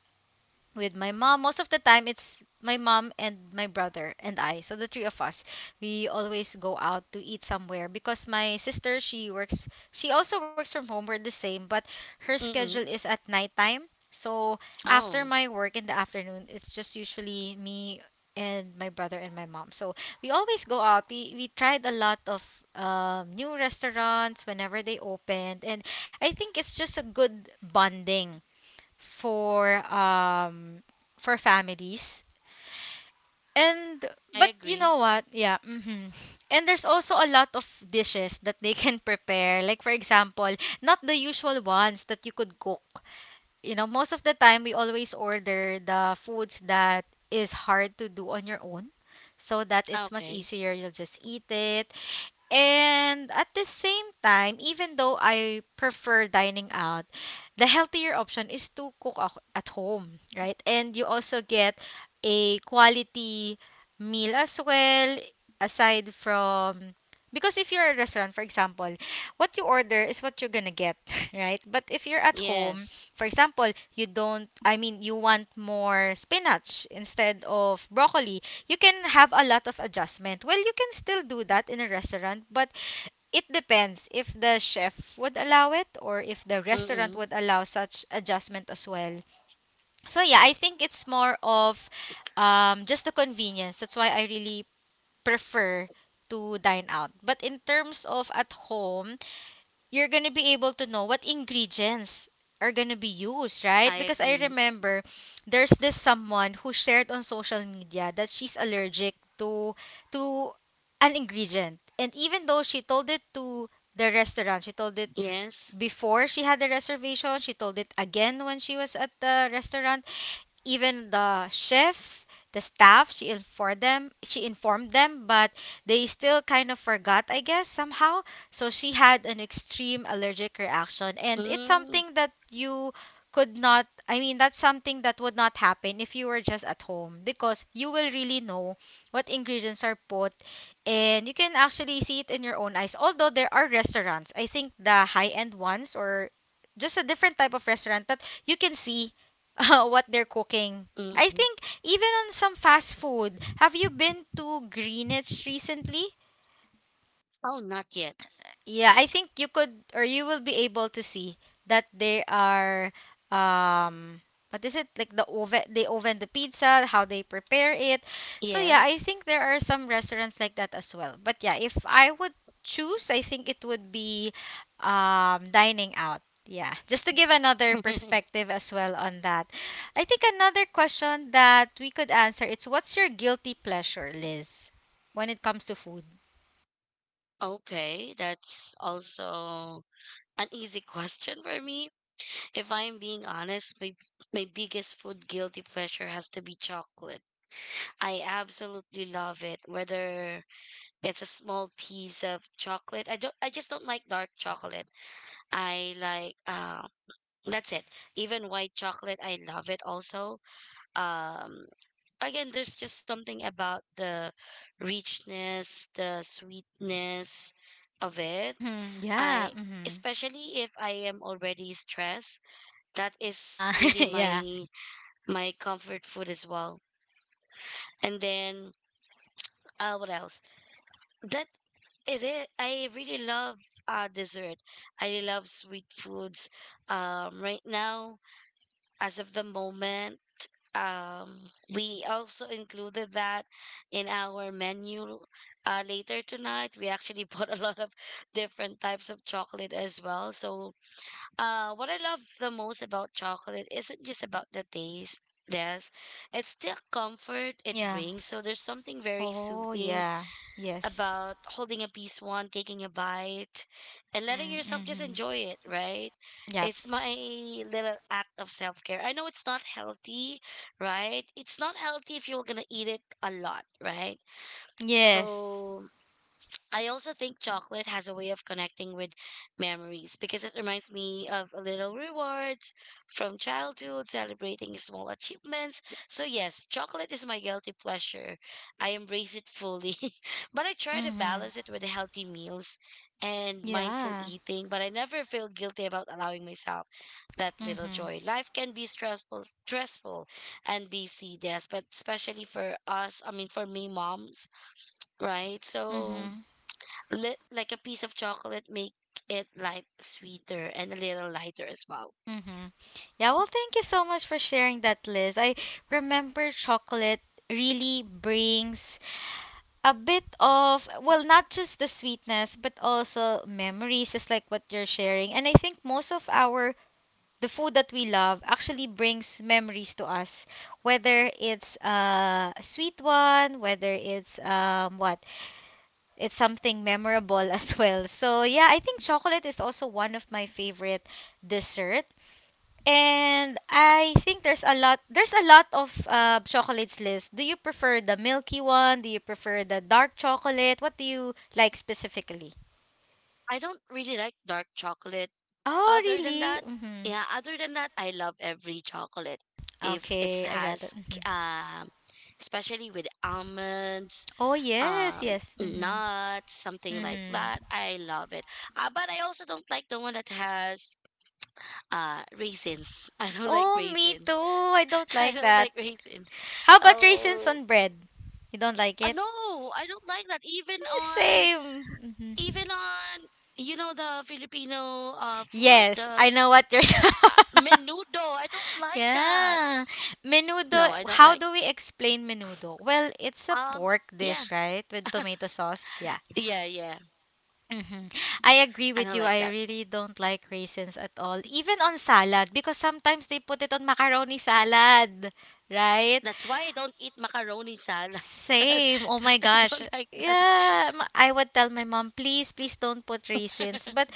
[SPEAKER 1] with my mom. Most of the time, it's my mom and my brother and I. So the three of us, we always go out to eat somewhere because my sister, she works, she also works from home. We're the same, but her schedule
[SPEAKER 2] Mm-mm.
[SPEAKER 1] is at nighttime. So after
[SPEAKER 2] Oh,
[SPEAKER 1] my work in the afternoon, it's just usually me and my brother and my mom. So we always go out. We tried a lot of new restaurants whenever they opened, and I think it's just a good bonding for um for families and
[SPEAKER 2] I
[SPEAKER 1] but you
[SPEAKER 2] agree.
[SPEAKER 1] know what yeah hmm and there's also a lot of dishes that they can prepare, like for example not the usual ones that you could cook. You know, most of the time we always order the foods that is hard to do on your own, so that it's much
[SPEAKER 2] Okay.
[SPEAKER 1] easier, you'll just eat it. And at the same time, even though I prefer dining out, the healthier option is to cook at home, right? And you also get a quality meal as well, aside from because if you're a restaurant, for example, what you order is what you're gonna get, right? But if you're at home,
[SPEAKER 2] Yes.
[SPEAKER 1] for example, you don't, I mean, you want more spinach instead of broccoli, you can have a lot of adjustment. Well, you can still do that in a restaurant, but it depends if the chef would allow it or if the restaurant
[SPEAKER 2] Mm-mm.
[SPEAKER 1] would allow such adjustment as well. So yeah, I think it's more of just the convenience. That's why I really prefer to dine out. But in terms of at home, you're gonna be able to know what ingredients are gonna be used, right?
[SPEAKER 2] I
[SPEAKER 1] Because I
[SPEAKER 2] agree.
[SPEAKER 1] remember there's this someone who shared on social media that she's allergic to to an ingredient. And even though she told it to the restaurant, she told it
[SPEAKER 2] Yes.
[SPEAKER 1] before she had the reservation, she told it again when she was at the restaurant, even the chef, the staff, she informed them, but they still kind of forgot, I guess, somehow. So she had an extreme allergic reaction, and it's
[SPEAKER 2] Mm,
[SPEAKER 1] something that you could not, I mean, that's something that would not happen if you were just at home because you will really know what ingredients are put and you can actually see it in your own eyes. Although there are restaurants, I think the high-end ones or just a different type of restaurant that you can see what they're cooking. I
[SPEAKER 2] mm-mm.
[SPEAKER 1] think even on some fast food. Have you been to Greenwich recently?
[SPEAKER 2] Oh, not yet.
[SPEAKER 1] Yeah, I think you could or you will be able to see that they are um what is it, like the oven, they oven the pizza, how they prepare it. So yeah, I
[SPEAKER 2] Yes.
[SPEAKER 1] think there are some restaurants like that as well. But yeah, if I would choose, I think it would be dining out. Yeah, just to give another perspective as well on that. I think another question that we could answer it's what's your guilty pleasure, Liz, when it comes to food?
[SPEAKER 2] Okay, that's also an easy question for me. If I'm being honest, my biggest food guilty pleasure has to be chocolate. I absolutely love it. Whether it's a small piece of chocolate, I don't. I just don't like dark chocolate. I like. That's it. Even white chocolate, I love it also. Um, Again, there's just something about the richness, the sweetness of it.
[SPEAKER 1] Mhm. Yeah.
[SPEAKER 2] I
[SPEAKER 1] Mhm.
[SPEAKER 2] especially if I am already stressed, that is
[SPEAKER 1] Ah,
[SPEAKER 2] really
[SPEAKER 1] yeah.
[SPEAKER 2] my comfort food as well. And then what else? That it is, I really love dessert. I really love sweet foods. Right now, as of the moment, we also included that in our menu later tonight. We actually bought a lot of different types of chocolate as well. So what I love the most about chocolate isn't just about the taste, yes, it's the comfort it
[SPEAKER 1] Yeah.
[SPEAKER 2] brings. So there's something very
[SPEAKER 1] Oh,
[SPEAKER 2] soothing
[SPEAKER 1] yeah. Yes.
[SPEAKER 2] about holding a piece one, taking a bite, and letting
[SPEAKER 1] Mhm.
[SPEAKER 2] yourself just
[SPEAKER 1] Mhm.
[SPEAKER 2] enjoy it, right?
[SPEAKER 1] Yep.
[SPEAKER 2] It's my little act of self care. I know it's not healthy, right? It's not healthy if you're gonna eat it a lot, right?
[SPEAKER 1] Yes.
[SPEAKER 2] So I also think chocolate has a way of connecting with memories because it reminds me of little rewards from childhood, celebrating small achievements. So, yes, chocolate is my guilty pleasure. I embrace it fully, but I try to
[SPEAKER 1] Mhm.
[SPEAKER 2] balance it with healthy meals and mindful
[SPEAKER 1] Yeah.
[SPEAKER 2] eating. But I never feel guilty about allowing myself that little
[SPEAKER 1] Mhm.
[SPEAKER 2] joy. Life can be stressful, stressful and busy, yes, but especially for us, I mean, for me, moms, right? So,
[SPEAKER 1] Mhm.
[SPEAKER 2] like a piece of chocolate make it like sweeter and a little lighter as well.
[SPEAKER 1] Mhm. Yeah, well, thank you so much for sharing that, Liz. I remember chocolate really brings a bit of, well, not just the sweetness, but also memories, just like what you're sharing. And I think most of our the food that we love actually brings memories to us whether it's a sweet one, whether it's what it's something memorable as well. So yeah, I think chocolate is also one of my favorite dessert. And I think there's a lot, there's a lot of chocolates list. Do you prefer the milky one, do you prefer the dark chocolate, what do you like specifically?
[SPEAKER 2] I don't really like dark chocolate.
[SPEAKER 1] Oh
[SPEAKER 2] Other than
[SPEAKER 1] really,
[SPEAKER 2] that,
[SPEAKER 1] mm-hmm.
[SPEAKER 2] yeah, other than that, I love every chocolate. If it
[SPEAKER 1] Okay, I got it.
[SPEAKER 2] has,
[SPEAKER 1] Hmm.
[SPEAKER 2] um, especially with almonds,
[SPEAKER 1] Oh yes, yes, mm-hmm.
[SPEAKER 2] nuts, something like that,
[SPEAKER 1] Mm-hmm.
[SPEAKER 2] I love it. But I also don't like the one that has raisins. I don't like
[SPEAKER 1] Oh, me too.
[SPEAKER 2] raisins.
[SPEAKER 1] I don't
[SPEAKER 2] I
[SPEAKER 1] like
[SPEAKER 2] don't
[SPEAKER 1] that.
[SPEAKER 2] like raisins.
[SPEAKER 1] How about raisins
[SPEAKER 2] So
[SPEAKER 1] on bread? You don't like it?
[SPEAKER 2] No, I don't like that. Even
[SPEAKER 1] Eh,
[SPEAKER 2] on,
[SPEAKER 1] same. Mhm.
[SPEAKER 2] even on, you know, the Filipino food,
[SPEAKER 1] Yes,
[SPEAKER 2] the
[SPEAKER 1] I know what you're.
[SPEAKER 2] menudo. I don't like that.
[SPEAKER 1] yeah. Menudo.
[SPEAKER 2] No, I don't
[SPEAKER 1] How
[SPEAKER 2] like.
[SPEAKER 1] do we explain menudo? Well, it's a
[SPEAKER 2] Um,
[SPEAKER 1] pork
[SPEAKER 2] yeah,
[SPEAKER 1] dish, right? With tomato sauce. Yeah.
[SPEAKER 2] yeah, yeah.
[SPEAKER 1] Hmm. I agree
[SPEAKER 2] I
[SPEAKER 1] with
[SPEAKER 2] don't
[SPEAKER 1] you.
[SPEAKER 2] like
[SPEAKER 1] I
[SPEAKER 2] that.
[SPEAKER 1] really don't like raisins at all, even on salad, because sometimes they put it on macaroni salad, right?
[SPEAKER 2] That's why I don't eat macaroni salad
[SPEAKER 1] Same. Oh my
[SPEAKER 2] because I
[SPEAKER 1] gosh.
[SPEAKER 2] don't like that.
[SPEAKER 1] Yeah, I would tell my mom, please, please don't put raisins. But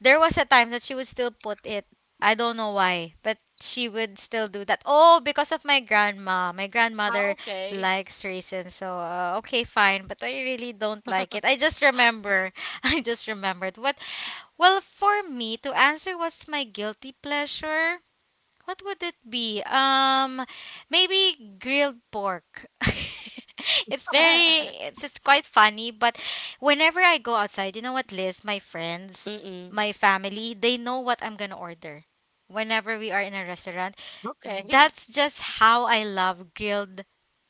[SPEAKER 1] there was a time that she would still put it. I don't know why, but she would still do that. Oh, because of my grandma. My
[SPEAKER 2] Ah,
[SPEAKER 1] grandmother
[SPEAKER 2] okay.
[SPEAKER 1] likes raisins, so okay, fine. But I really don't like it. I just remember. I just remembered. What? Well, for me to answer, what's my guilty pleasure? What would it be? Maybe grilled pork. it's very, it's quite funny, but whenever I go outside, you know what, Liz, my friends,
[SPEAKER 2] Mm-mm.
[SPEAKER 1] my family, they know what I'm gonna order whenever we are in a restaurant.
[SPEAKER 2] Okay.
[SPEAKER 1] That's just how I love grilled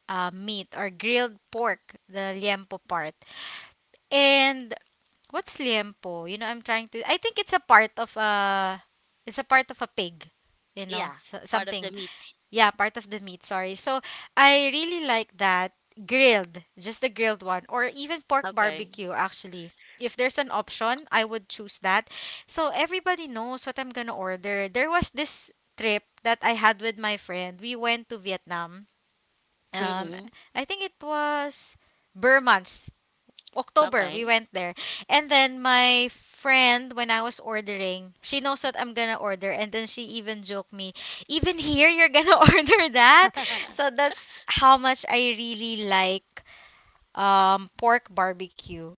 [SPEAKER 1] meat or grilled pork, the liempo part. And what's liempo? You know, I'm trying to, I think it's a part of a, it's a part of a pig, you know,
[SPEAKER 2] Yeah,
[SPEAKER 1] so,
[SPEAKER 2] part of the
[SPEAKER 1] something
[SPEAKER 2] meat.
[SPEAKER 1] yeah, part of the meat, sorry. So I really like that grilled, just the grilled one, or even pork
[SPEAKER 2] Okay.
[SPEAKER 1] barbecue, actually. If there's an option, I would choose that. So everybody knows what I'm gonna order. There was this trip that I had with my friend. We went to Vietnam. Um,
[SPEAKER 2] Mm-mm.
[SPEAKER 1] I think it was Burmans. October, we
[SPEAKER 2] Okay.
[SPEAKER 1] went there. And then my friend, when I was ordering, she knows what I'm gonna order. And then she even joked me, even here, you're gonna order that? So that's how much I really like pork barbecue.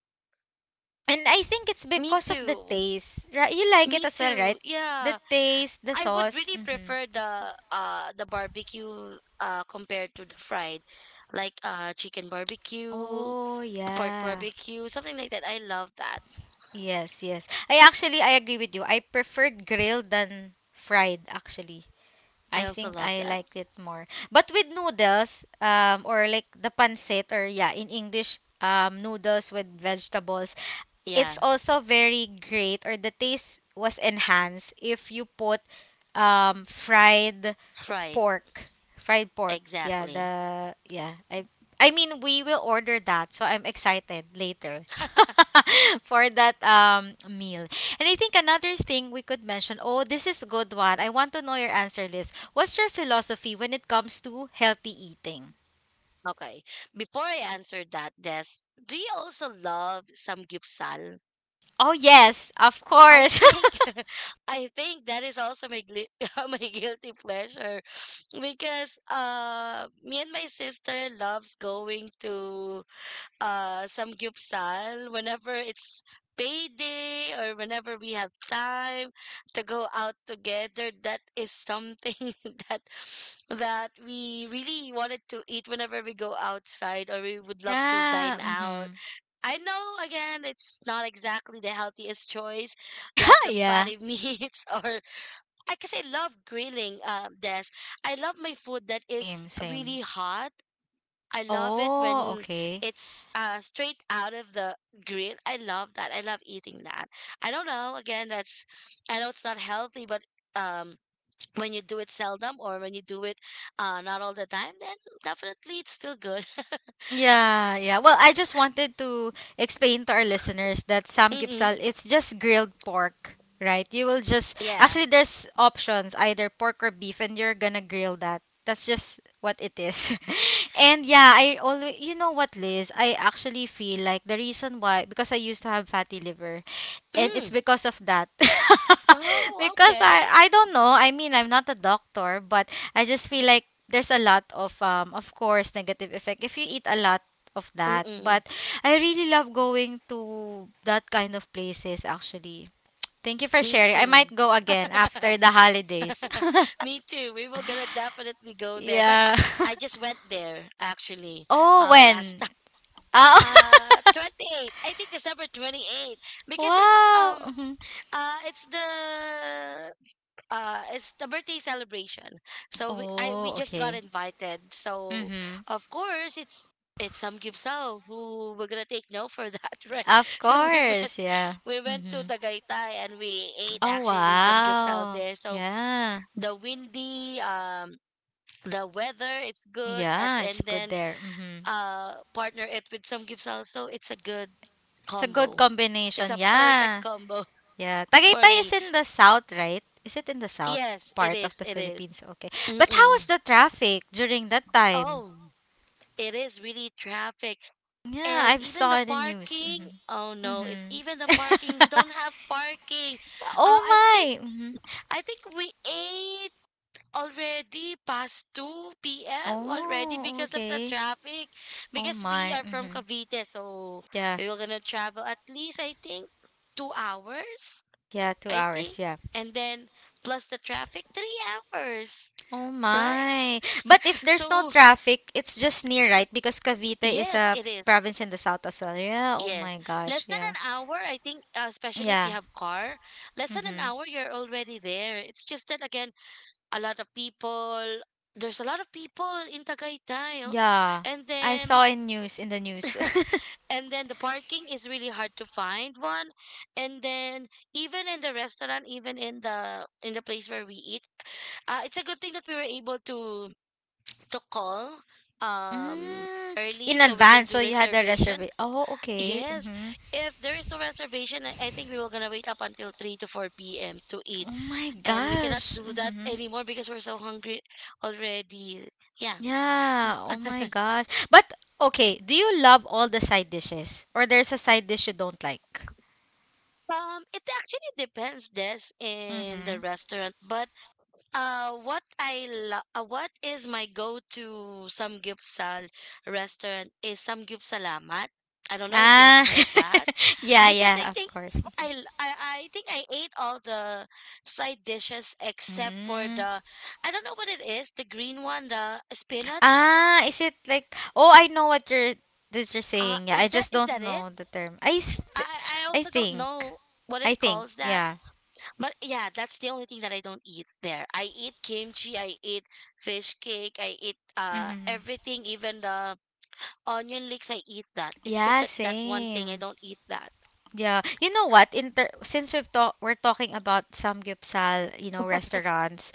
[SPEAKER 1] And I think it's
[SPEAKER 2] Me
[SPEAKER 1] because of the
[SPEAKER 2] too.
[SPEAKER 1] taste. Right? You like it
[SPEAKER 2] Me
[SPEAKER 1] as well, right?
[SPEAKER 2] too.
[SPEAKER 1] The
[SPEAKER 2] Yeah.
[SPEAKER 1] taste, the
[SPEAKER 2] I would
[SPEAKER 1] sauce.
[SPEAKER 2] really
[SPEAKER 1] Hmm.
[SPEAKER 2] prefer the barbecue compared to the fried, like chicken barbecue,
[SPEAKER 1] Oh,
[SPEAKER 2] pork
[SPEAKER 1] yeah.
[SPEAKER 2] barbecue, something like that. I love that.
[SPEAKER 1] Yes, yes. I actually, I agree with you. I preferred grilled than fried, actually.
[SPEAKER 2] I
[SPEAKER 1] I
[SPEAKER 2] also
[SPEAKER 1] think
[SPEAKER 2] love
[SPEAKER 1] I
[SPEAKER 2] that.
[SPEAKER 1] like it more. But with noodles, or like the pancit, or yeah, in English, noodles with vegetables,
[SPEAKER 2] Yeah,
[SPEAKER 1] it's also very great, or the taste was enhanced if you put fried
[SPEAKER 2] fried.
[SPEAKER 1] Pork, fried pork. Yeah,
[SPEAKER 2] Exactly.
[SPEAKER 1] the yeah. I mean we will order that, so I'm excited later for that meal. And I think another thing we could mention. Oh, this is good one. I want to know your answer, Liz. What's your philosophy when it comes to healthy eating?
[SPEAKER 2] Okay. Before I answer that, Des, do you also love samgyeopsal?
[SPEAKER 1] Oh yes, of
[SPEAKER 2] I
[SPEAKER 1] course.
[SPEAKER 2] think I think that is also my gli my guilty pleasure because me and my sister loves going to some gyupsal whenever it's payday or whenever we have time to go out together, that is something that that we really wanted to eat whenever we go outside or we would love to
[SPEAKER 1] yeah.
[SPEAKER 2] dine out.
[SPEAKER 1] Mhm.
[SPEAKER 2] I know, again, it's not exactly the healthiest choice, lots of
[SPEAKER 1] yeah.
[SPEAKER 2] fatty meats. Or I guess I love grilling, Des. I love my food that is
[SPEAKER 1] Same. Same.
[SPEAKER 2] really hot. I love it
[SPEAKER 1] Oh,
[SPEAKER 2] when
[SPEAKER 1] okay.
[SPEAKER 2] it's straight out of the grill. I love that. I love eating that. I don't know. Again, that's, I know it's not healthy, but um, when you do it seldom or when you do it not all the time, then definitely it's still good.
[SPEAKER 1] Yeah, yeah. Well, I just wanted to explain to our listeners that
[SPEAKER 2] Mm-mm.
[SPEAKER 1] samgyeopsal it's just grilled pork, right? You will just
[SPEAKER 2] Yeah.
[SPEAKER 1] actually there's options either pork or beef, and you're gonna grill that. That's just what it is. and yeah, I always you know what, Liz? I actually feel like the reason why because I used to have fatty liver, and it's
[SPEAKER 2] Mm.
[SPEAKER 1] because of that.
[SPEAKER 2] Oh,
[SPEAKER 1] because
[SPEAKER 2] okay.
[SPEAKER 1] I don't know. I mean, I'm not a doctor, but I just feel like there's a lot of course negative effect if you eat a lot of that
[SPEAKER 2] Mm-mm.
[SPEAKER 1] but I really love going to that kind of places actually. Thank you for
[SPEAKER 2] Me
[SPEAKER 1] sharing, I
[SPEAKER 2] too.
[SPEAKER 1] might go again after the holidays.
[SPEAKER 2] Me too. We were gonna definitely go there, but
[SPEAKER 1] Yeah.
[SPEAKER 2] I just went there actually
[SPEAKER 1] Oh
[SPEAKER 2] last
[SPEAKER 1] when? Ah,
[SPEAKER 2] 28. I think December 28 because
[SPEAKER 1] wow. Mhm.
[SPEAKER 2] uh it's the it's the birthday celebration. So we
[SPEAKER 1] Oh,
[SPEAKER 2] just got
[SPEAKER 1] okay.
[SPEAKER 2] invited. So
[SPEAKER 1] Mm-hmm.
[SPEAKER 2] of course it's some Gipsao who we're gonna take no for that, right?
[SPEAKER 1] Of
[SPEAKER 2] So
[SPEAKER 1] course, yeah.
[SPEAKER 2] we went to
[SPEAKER 1] Mm-hmm.
[SPEAKER 2] Tagaytay and we ate
[SPEAKER 1] Oh
[SPEAKER 2] actually some Gipsao
[SPEAKER 1] wow,
[SPEAKER 2] there. So
[SPEAKER 1] yeah.
[SPEAKER 2] the windy the weather is good, and,
[SPEAKER 1] Yeah, it's
[SPEAKER 2] and
[SPEAKER 1] good
[SPEAKER 2] then
[SPEAKER 1] there. Mm-hmm.
[SPEAKER 2] partner it with some Gipsal, so it's a good
[SPEAKER 1] It's a good
[SPEAKER 2] combo. It's
[SPEAKER 1] combination,
[SPEAKER 2] a perfect
[SPEAKER 1] yeah.
[SPEAKER 2] combo
[SPEAKER 1] Yeah,
[SPEAKER 2] for
[SPEAKER 1] Tagaytay is
[SPEAKER 2] me.
[SPEAKER 1] in the south, right? Is it in the south
[SPEAKER 2] Yes, it
[SPEAKER 1] part of
[SPEAKER 2] is.
[SPEAKER 1] the
[SPEAKER 2] It is.
[SPEAKER 1] Philippines? Okay. But how was
[SPEAKER 2] Mm-mm.
[SPEAKER 1] the traffic during that time?
[SPEAKER 2] Oh, it is really traffic.
[SPEAKER 1] Yeah,
[SPEAKER 2] And
[SPEAKER 1] I've
[SPEAKER 2] even
[SPEAKER 1] saw
[SPEAKER 2] the
[SPEAKER 1] in the news.
[SPEAKER 2] parking. Oh
[SPEAKER 1] Mm-hmm.
[SPEAKER 2] no, it's even the parking. We
[SPEAKER 1] Mm-hmm.
[SPEAKER 2] don't have parking.
[SPEAKER 1] oh
[SPEAKER 2] I think
[SPEAKER 1] my. Mm-hmm.
[SPEAKER 2] we ate already past 2 p.m. already
[SPEAKER 1] Oh,
[SPEAKER 2] because of the
[SPEAKER 1] okay.
[SPEAKER 2] traffic.
[SPEAKER 1] Oh
[SPEAKER 2] Because we
[SPEAKER 1] my.
[SPEAKER 2] are from
[SPEAKER 1] Mm-hmm.
[SPEAKER 2] Cavite, so
[SPEAKER 1] Yeah.
[SPEAKER 2] we were gonna travel at least I think 2 hours.
[SPEAKER 1] Yeah, two
[SPEAKER 2] I think.
[SPEAKER 1] hours. Yeah.
[SPEAKER 2] And then plus the traffic, 3 hours,
[SPEAKER 1] Oh
[SPEAKER 2] right?
[SPEAKER 1] my. But if there's no
[SPEAKER 2] So
[SPEAKER 1] traffic, it's just near, right? Because Cavite is
[SPEAKER 2] yes,
[SPEAKER 1] a
[SPEAKER 2] it is.
[SPEAKER 1] province in the south as well. Yeah. Oh
[SPEAKER 2] Yes,
[SPEAKER 1] my
[SPEAKER 2] less
[SPEAKER 1] gosh.
[SPEAKER 2] than
[SPEAKER 1] Yeah.
[SPEAKER 2] an hour, I think, especially if you
[SPEAKER 1] Yeah.
[SPEAKER 2] have car, less than an
[SPEAKER 1] Mm-hmm.
[SPEAKER 2] hour, you're already there. It's just that again, a lot of people. There's a lot of people in Tagaytay, oh,
[SPEAKER 1] Yeah,
[SPEAKER 2] and
[SPEAKER 1] I
[SPEAKER 2] then
[SPEAKER 1] saw in news in the news.
[SPEAKER 2] the parking is really hard to find one, and then even in the restaurant, even in the place where we eat, it's a good thing that we were able to call um
[SPEAKER 1] Mm,
[SPEAKER 2] early
[SPEAKER 1] in
[SPEAKER 2] so we can
[SPEAKER 1] advance, so
[SPEAKER 2] do
[SPEAKER 1] you had the
[SPEAKER 2] reservation.
[SPEAKER 1] reservation. Oh, okay.
[SPEAKER 2] Yes,
[SPEAKER 1] Mm-hmm.
[SPEAKER 2] if there is no reservation, I think we were gonna wait up until 3 to 4 p.m. to eat,
[SPEAKER 1] Oh my
[SPEAKER 2] and we cannot
[SPEAKER 1] gosh.
[SPEAKER 2] do that
[SPEAKER 1] Mm-hmm.
[SPEAKER 2] anymore because we're so hungry already. Yeah.
[SPEAKER 1] Yeah. Oh my gosh. But okay, do you love all the side dishes, or there's a side dish you don't like?
[SPEAKER 2] It actually depends, Des, in
[SPEAKER 1] Mm-hmm.
[SPEAKER 2] the restaurant. But what is my go-to samgyeopsal restaurant is samgyeopsalamat. I don't know if you have
[SPEAKER 1] Ah.
[SPEAKER 2] heard that.
[SPEAKER 1] yeah.
[SPEAKER 2] Because
[SPEAKER 1] Yeah. Of course.
[SPEAKER 2] I, l- I I think I ate all the side dishes except for
[SPEAKER 1] Mm.
[SPEAKER 2] the, I don't know what it is, the green one, the spinach.
[SPEAKER 1] Ah, is it like oh I know what you're that you're saying. Yeah, I just
[SPEAKER 2] Is
[SPEAKER 1] don't
[SPEAKER 2] that it?
[SPEAKER 1] know the term. I th-
[SPEAKER 2] I
[SPEAKER 1] I
[SPEAKER 2] also don't
[SPEAKER 1] think.
[SPEAKER 2] know what
[SPEAKER 1] I
[SPEAKER 2] it
[SPEAKER 1] think.
[SPEAKER 2] calls that.
[SPEAKER 1] Yeah.
[SPEAKER 2] But yeah, that's the only thing that I don't eat there. I eat kimchi, I eat fish cake, I eat
[SPEAKER 1] Mhm.
[SPEAKER 2] everything, even the onion leeks, I eat that. It's just
[SPEAKER 1] Yeah,
[SPEAKER 2] that, that one thing I
[SPEAKER 1] same.
[SPEAKER 2] don't eat that.
[SPEAKER 1] Yeah, you know what? Inter since we've talk we're talking about samgyeopsal, you know, restaurants,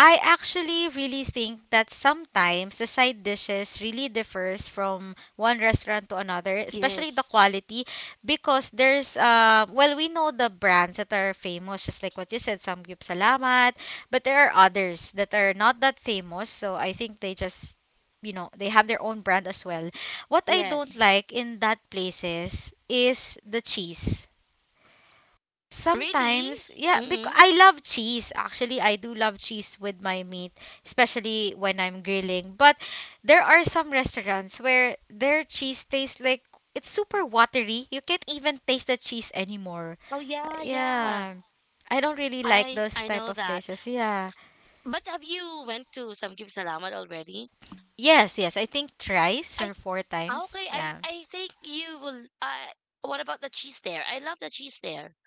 [SPEAKER 1] I actually really think that sometimes the side dishes really differs from one restaurant to another,
[SPEAKER 2] Yes.
[SPEAKER 1] especially the quality, because there's well we know the brands that are famous, just like what you said, Samgyup Salamat, but there are others that are not that famous, so I think they just you know they have their own brand as well. What I don't
[SPEAKER 2] Yes.
[SPEAKER 1] like in that places is the cheese.
[SPEAKER 2] Really?
[SPEAKER 1] Sometimes, yeah, because
[SPEAKER 2] Mm-mm.
[SPEAKER 1] I love cheese. Actually, I do love cheese with my meat, especially when I'm grilling. But there are some restaurants where their cheese tastes like it's super watery. You can't even taste the cheese anymore.
[SPEAKER 2] Oh yeah, yeah.
[SPEAKER 1] Yeah. I don't really like those
[SPEAKER 2] I
[SPEAKER 1] type
[SPEAKER 2] know
[SPEAKER 1] of
[SPEAKER 2] that.
[SPEAKER 1] places. Yeah.
[SPEAKER 2] But have you went to Samgib Salamat already?
[SPEAKER 1] Yes, yes. I think thrice
[SPEAKER 2] I
[SPEAKER 1] or four
[SPEAKER 2] ah,
[SPEAKER 1] times.
[SPEAKER 2] okay. I
[SPEAKER 1] Yeah.
[SPEAKER 2] I think you will. What about the cheese there? I love the cheese there.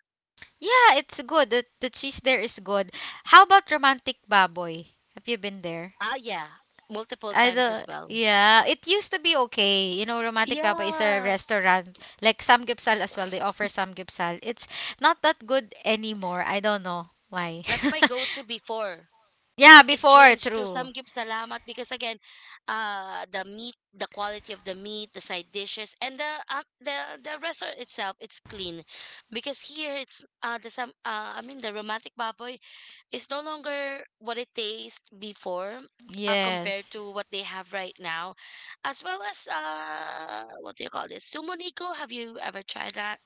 [SPEAKER 1] Yeah, it's good. The cheese there is good. How about Romantic Baboy? Have you been there?
[SPEAKER 2] Ah, yeah, multiple
[SPEAKER 1] I
[SPEAKER 2] times as
[SPEAKER 1] don't.
[SPEAKER 2] well.
[SPEAKER 1] Yeah, it used to be okay. You know, Romantic Baboy is a
[SPEAKER 2] Yeah,
[SPEAKER 1] restaurant like Samgyeopsal as well. They offer Samgyeopsal. It's not that good anymore. I don't know why.
[SPEAKER 2] that's my go-to before
[SPEAKER 1] yeah, before,
[SPEAKER 2] change to
[SPEAKER 1] true.
[SPEAKER 2] Samgib Salamat because again, the meat, the quality of the meat, the side dishes, and the restaurant itself, it's clean, because here it's the some I mean the romantic baboy is no longer what it tastes before, compared
[SPEAKER 1] Yes.
[SPEAKER 2] to what they have right now, as well as, what do you call this, sumoniko, have you ever tried that?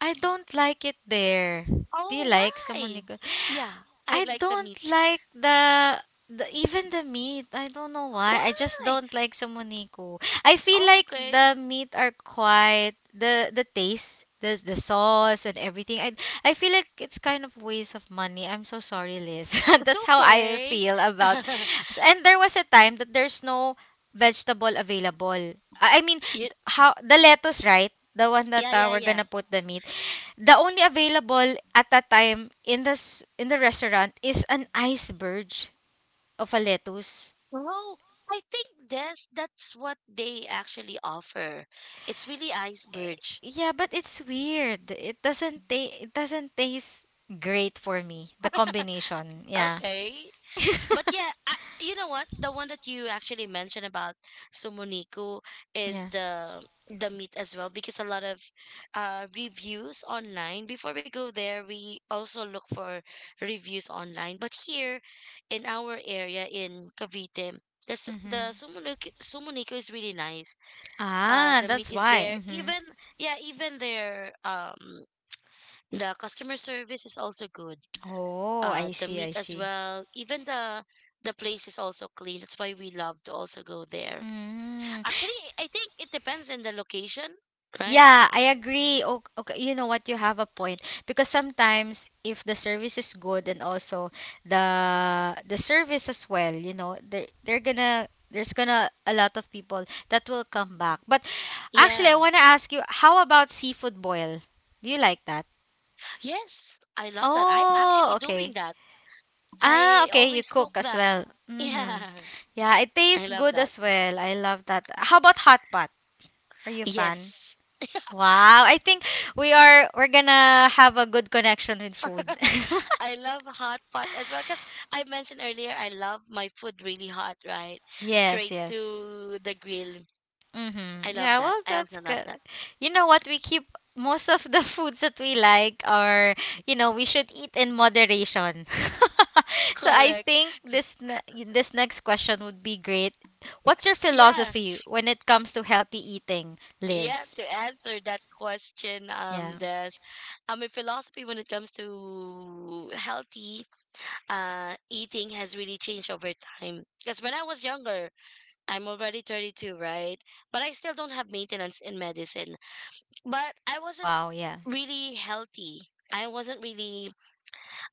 [SPEAKER 1] I don't like it there. Do
[SPEAKER 2] Oh,
[SPEAKER 1] you like
[SPEAKER 2] why?
[SPEAKER 1] sumunik?
[SPEAKER 2] Yeah, I
[SPEAKER 1] I
[SPEAKER 2] like the
[SPEAKER 1] don't
[SPEAKER 2] meat.
[SPEAKER 1] like the even the meat. I don't know why. I just
[SPEAKER 2] Why?
[SPEAKER 1] don't like sumuniko. I feel
[SPEAKER 2] Oh,
[SPEAKER 1] like
[SPEAKER 2] okay.
[SPEAKER 1] the meat are quite the taste, the sauce and everything. I feel like it's kind of waste of money. I'm so sorry, Liz.
[SPEAKER 2] It's
[SPEAKER 1] That's how I
[SPEAKER 2] okay.
[SPEAKER 1] feel about. And there was a time that there's no vegetable available. I mean,
[SPEAKER 2] you,
[SPEAKER 1] how the lettuce, right? The one that
[SPEAKER 2] yeah, yeah.
[SPEAKER 1] we're gonna put the meat. The only available at that time in the s- in the restaurant is an iceberg of a lettuce.
[SPEAKER 2] No, I think that's what they actually offer. It's really
[SPEAKER 1] Eh,
[SPEAKER 2] iceberg.
[SPEAKER 1] yeah, but it's weird. It doesn't ta- it doesn't taste great for me. The combination, yeah.
[SPEAKER 2] Okay. But yeah, you know what? The one that you actually mentioned about Sumuniku is
[SPEAKER 1] yeah.
[SPEAKER 2] the meat as well, because a lot of reviews online, before we go there we also look for reviews online, but here in our area in Cavite, the
[SPEAKER 1] Mhm.
[SPEAKER 2] Sumuniku, Sumuniku is really nice.
[SPEAKER 1] Ah,
[SPEAKER 2] The meat
[SPEAKER 1] that's
[SPEAKER 2] is
[SPEAKER 1] why.
[SPEAKER 2] there,
[SPEAKER 1] Mhm.
[SPEAKER 2] even, yeah, even their the customer service is also good.
[SPEAKER 1] Oh, I
[SPEAKER 2] The
[SPEAKER 1] see, I
[SPEAKER 2] meat as
[SPEAKER 1] see.
[SPEAKER 2] well, even the place is also clean, that's why we love to also go there.
[SPEAKER 1] Mm.
[SPEAKER 2] Actually, I think it depends on the location, right?
[SPEAKER 1] Yeah, I agree. Okay, okay, you know what? You have a point because sometimes if the service is good and also the service as well, you know, they they're gonna there's gonna a lot of people that will come back. But actually,
[SPEAKER 2] Yeah,
[SPEAKER 1] I wanna ask you, how about seafood boil? Do you like that?
[SPEAKER 2] yes, I love that. I'm
[SPEAKER 1] Oh,
[SPEAKER 2] actually
[SPEAKER 1] okay.
[SPEAKER 2] doing that.
[SPEAKER 1] Ah,
[SPEAKER 2] I
[SPEAKER 1] okay. You
[SPEAKER 2] always cook
[SPEAKER 1] cook as
[SPEAKER 2] that.
[SPEAKER 1] well. Mm-hmm.
[SPEAKER 2] Yeah.
[SPEAKER 1] Yeah, it
[SPEAKER 2] I
[SPEAKER 1] tastes
[SPEAKER 2] love
[SPEAKER 1] good
[SPEAKER 2] that.
[SPEAKER 1] as well. I love that. How about hot pot? Are you a fan?
[SPEAKER 2] Yes,
[SPEAKER 1] Wow, I think we are we're gonna have a good connection with food.
[SPEAKER 2] I love hot pot as well, because I mentioned earlier, I love my food really hot, right?
[SPEAKER 1] yes,
[SPEAKER 2] Straight
[SPEAKER 1] yes.
[SPEAKER 2] to the grill. I
[SPEAKER 1] Mm-hmm.
[SPEAKER 2] love
[SPEAKER 1] Yeah,
[SPEAKER 2] that.
[SPEAKER 1] well,
[SPEAKER 2] I
[SPEAKER 1] that's
[SPEAKER 2] also love
[SPEAKER 1] good.
[SPEAKER 2] that.
[SPEAKER 1] You know what? We keep most of the foods that we like are, you know, we should eat in moderation. so I
[SPEAKER 2] Correct.
[SPEAKER 1] think this ne- this next question would be great. What's your
[SPEAKER 2] Yeah.
[SPEAKER 1] philosophy when it comes to healthy eating,
[SPEAKER 2] Yeah,
[SPEAKER 1] Liz?
[SPEAKER 2] to answer that question,
[SPEAKER 1] Yeah.
[SPEAKER 2] there's a philosophy when it comes to healthy eating has really changed over time. Because when I was younger, I'm already 32, right? But I still don't have maintenance in medicine. But I wasn't
[SPEAKER 1] Wow, yeah.
[SPEAKER 2] really healthy. I wasn't really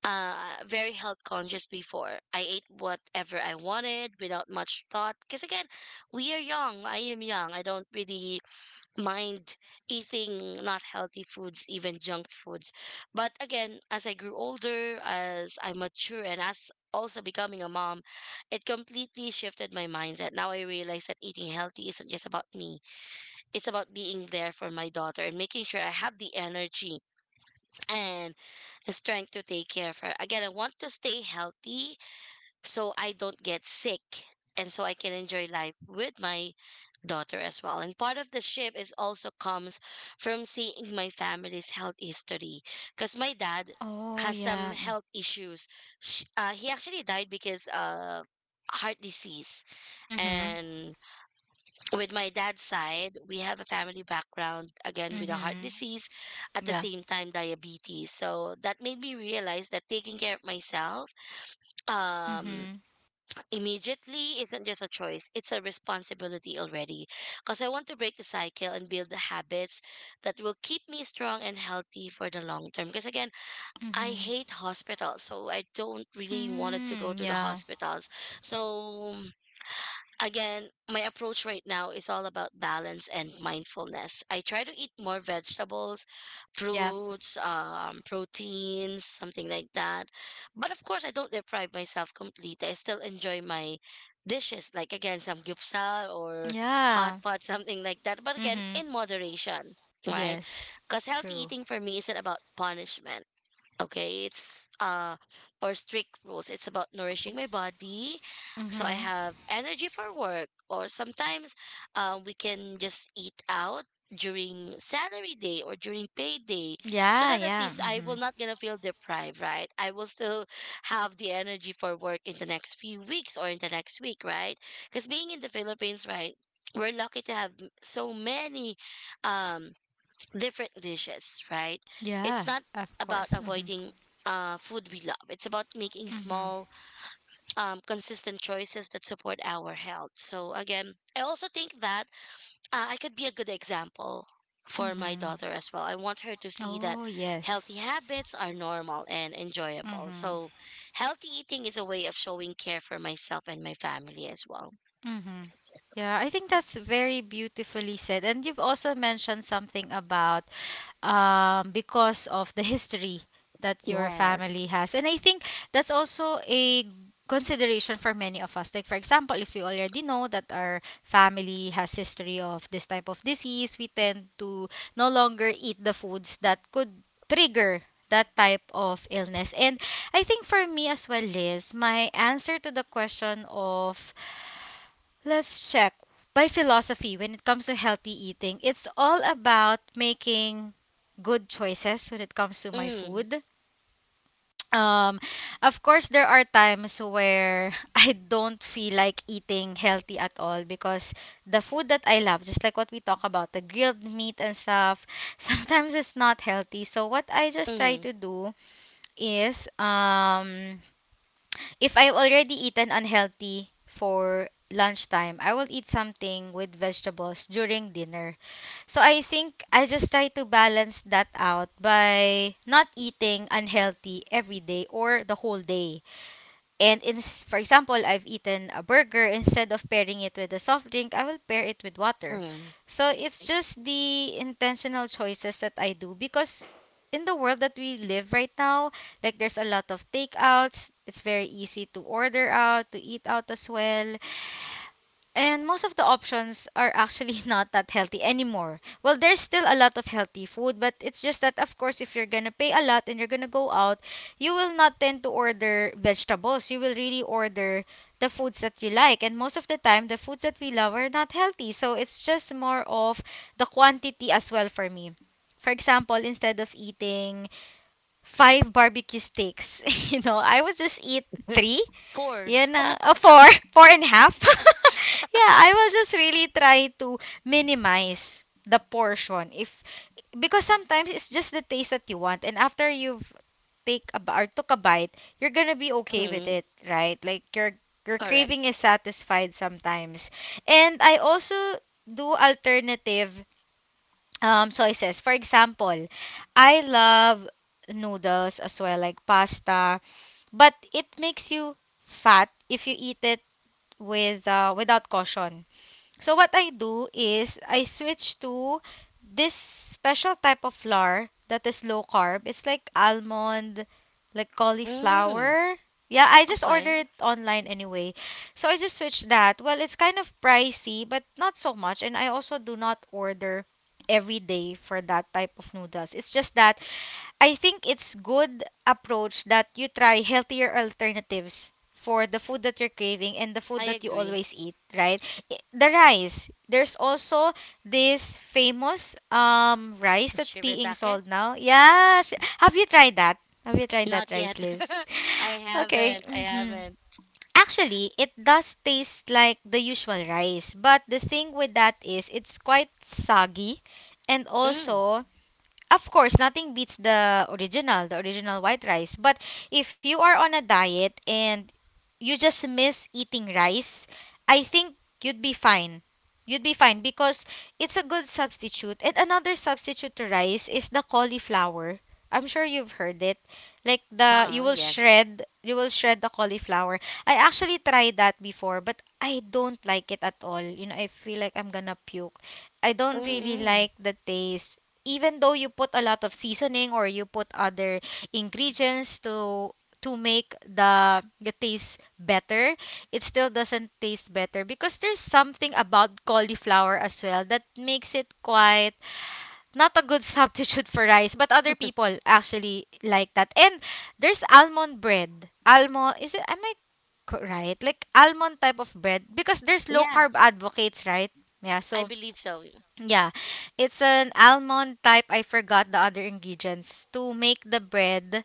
[SPEAKER 2] very health conscious before. I ate whatever I wanted without much thought. Because again, we are young. I am young. I don't really mind eating not healthy foods, even junk foods. But again, as I grew older, as I mature, and as also becoming a mom, it completely shifted my mindset. Now I realize that eating healthy isn't just about me, it's about being there for my daughter and making sure I have the energy and the strength to take care of her. Again, I want to stay healthy so I don't get sick and so I can enjoy life with my daughter as well. And part of the shift is also comes from seeing my family's health history because my dad
[SPEAKER 1] Oh,
[SPEAKER 2] has some
[SPEAKER 1] yeah.
[SPEAKER 2] health issues. He actually died because of heart disease,
[SPEAKER 1] Mm-hmm.
[SPEAKER 2] and with my dad's side, we have a family background again with a heart
[SPEAKER 1] Mm-hmm.
[SPEAKER 2] disease, at the
[SPEAKER 1] Yeah.
[SPEAKER 2] same time diabetes, so that made me realize that taking care of myself, um
[SPEAKER 1] Mm-hmm.
[SPEAKER 2] immediately, isn't just a choice, it's a responsibility already. Because I want to break the cycle and build the habits that will keep me strong and healthy for the long term. Because again, I
[SPEAKER 1] Mm-hmm.
[SPEAKER 2] hate hospitals, so I don't really wanted to go
[SPEAKER 1] Mm,
[SPEAKER 2] to the
[SPEAKER 1] yeah.
[SPEAKER 2] hospitals. So again, my approach right now is all about balance and mindfulness. I try to eat more vegetables,
[SPEAKER 1] Yeah.
[SPEAKER 2] fruits, proteins, something like that. But of course, I don't deprive myself completely. I still enjoy my dishes, like again, some gyupsal or hot
[SPEAKER 1] Yeah.
[SPEAKER 2] pot, something like that. But again,
[SPEAKER 1] Mm-hmm.
[SPEAKER 2] in moderation, right?
[SPEAKER 1] Yes.
[SPEAKER 2] Because healthy
[SPEAKER 1] True.
[SPEAKER 2] eating for me isn't about punishment, okay, it's or strict rules, it's about nourishing my body, so I
[SPEAKER 1] Mm-hmm.
[SPEAKER 2] have energy for work, or sometimes, we can just eat out during salary day or during payday, so
[SPEAKER 1] Yeah,
[SPEAKER 2] that at
[SPEAKER 1] yeah.
[SPEAKER 2] least I
[SPEAKER 1] Mm-hmm.
[SPEAKER 2] will not gonna feel deprived, right? I will still have the energy for work in the next few weeks or in the next week, right? Because being in the Philippines, right, we're lucky to have so many um different dishes, right? It's
[SPEAKER 1] Yeah,
[SPEAKER 2] not
[SPEAKER 1] of
[SPEAKER 2] about
[SPEAKER 1] course. Mm-hmm.
[SPEAKER 2] avoiding, food we love. It's about making
[SPEAKER 1] Mm-hmm.
[SPEAKER 2] small, consistent choices that support our health. So again, I also think that, I could be a good example for my
[SPEAKER 1] Mm-hmm.
[SPEAKER 2] daughter as well. I want her to see that
[SPEAKER 1] Oh, yeah.
[SPEAKER 2] healthy habits are normal and enjoyable.
[SPEAKER 1] Mm-hmm.
[SPEAKER 2] So healthy eating is a way of showing care for myself and my family as well.
[SPEAKER 1] Mm-hmm. Yeah, I think that's very beautifully said. And you've also mentioned something about because of the history that your
[SPEAKER 2] Yes.
[SPEAKER 1] family has. And I think that's also a consideration for many of us. Like for example, if you already know that our family has history of this type of disease, we tend to no longer eat the foods that could trigger that type of illness. And I think for me as well, Liz, my answer to the question of Let's check. My philosophy when it comes to healthy eating, it's all about making good choices when it comes to my
[SPEAKER 2] Mm.
[SPEAKER 1] food. Um, of course, there are times where I don't feel like eating healthy at all because the food that I love, just like what we talk about, the grilled meat and stuff, sometimes it's not healthy. So what I just try
[SPEAKER 2] Mm.
[SPEAKER 1] to do is if I've already eaten unhealthy for lunchtime, I will eat something with vegetables during dinner. So I think I just try to balance that out by not eating unhealthy every day or the whole day. And in, for example, I've eaten a burger instead of pairing it with a soft drink, I will pair it with water.
[SPEAKER 2] Mm.
[SPEAKER 1] So it's
[SPEAKER 2] Okay.
[SPEAKER 1] just the intentional choices that I do because in the world that we live right now, like there's a lot of takeouts. It's very easy to order out, to eat out as well. And most of the options are actually not that healthy anymore. Well, there's still a lot of healthy food, but it's just that, of course, if you're gonna pay a lot and you're gonna go out, you will not tend to order vegetables. You will really order the foods that you like. And most of the time, the foods that we love are not healthy. So it's just more of the quantity as well for me. For example, instead of eating five barbecue steaks, you know, I would just eat three
[SPEAKER 2] Four.
[SPEAKER 1] yeah, na, oh, four, four and a half. yeah, I will just really try to minimize the portion if because sometimes it's just the taste that you want, and after you've take a b- or took a bite, you're gonna be okay with
[SPEAKER 2] Mm.
[SPEAKER 1] it, right? Like your
[SPEAKER 2] Correct.
[SPEAKER 1] craving is satisfied sometimes, and I also do alternative soy sauce. For example, I love noodles as well, like pasta, but it makes you fat if you eat it with without caution. So what I do is I switch to this special type of flour that is low carb. It's like almond, like
[SPEAKER 2] Mm.
[SPEAKER 1] cauliflower. Yeah, I just
[SPEAKER 2] Okay,
[SPEAKER 1] ordered it online anyway. So I just switched that. Well, it's kind of pricey, but not so much. And I also do not order every day for that type of noodles. It's just that I think it's good approach that you try healthier alternatives for the food that you're craving and the food
[SPEAKER 2] I
[SPEAKER 1] that you
[SPEAKER 2] agree.
[SPEAKER 1] always eat, right? I- The rice. There's also this famous rice that's being
[SPEAKER 2] Shirataki?
[SPEAKER 1] sold now. Yeah, sh- have you tried that? Have you tried
[SPEAKER 2] Not
[SPEAKER 1] that
[SPEAKER 2] yet.
[SPEAKER 1] rice, Liz?
[SPEAKER 2] I
[SPEAKER 1] Okay.
[SPEAKER 2] haven't. I
[SPEAKER 1] Hmm.
[SPEAKER 2] haven't.
[SPEAKER 1] Actually, it does taste like the usual rice, but the thing with that is it's quite soggy and
[SPEAKER 2] Mm.
[SPEAKER 1] also of course, nothing beats the original white rice. But if you are on a diet and you just miss eating rice, I think you'd be fine. You'd be fine because it's a good substitute. And another substitute to rice is the cauliflower. I'm sure you've heard it. Like the
[SPEAKER 2] Uh-uh, yes.
[SPEAKER 1] you will shred the cauliflower. I actually tried that before, but I don't like it at all. I feel like I'm gonna puke. I don't really
[SPEAKER 2] Mm-mm.
[SPEAKER 1] like the taste even though you put a lot of seasoning or you put other ingredients to make the taste better. It still doesn't taste better because there's something about cauliflower as well that makes it quite not a good substitute for rice. But other people actually like that. And there's almond bread. Almond, is it, right, like almond type of bread? Because there's low
[SPEAKER 2] Yeah,
[SPEAKER 1] carb advocates, right? Yeah,
[SPEAKER 2] I
[SPEAKER 1] so
[SPEAKER 2] believe so.
[SPEAKER 1] yeah, it's an almond type. I forgot the other ingredients to make the bread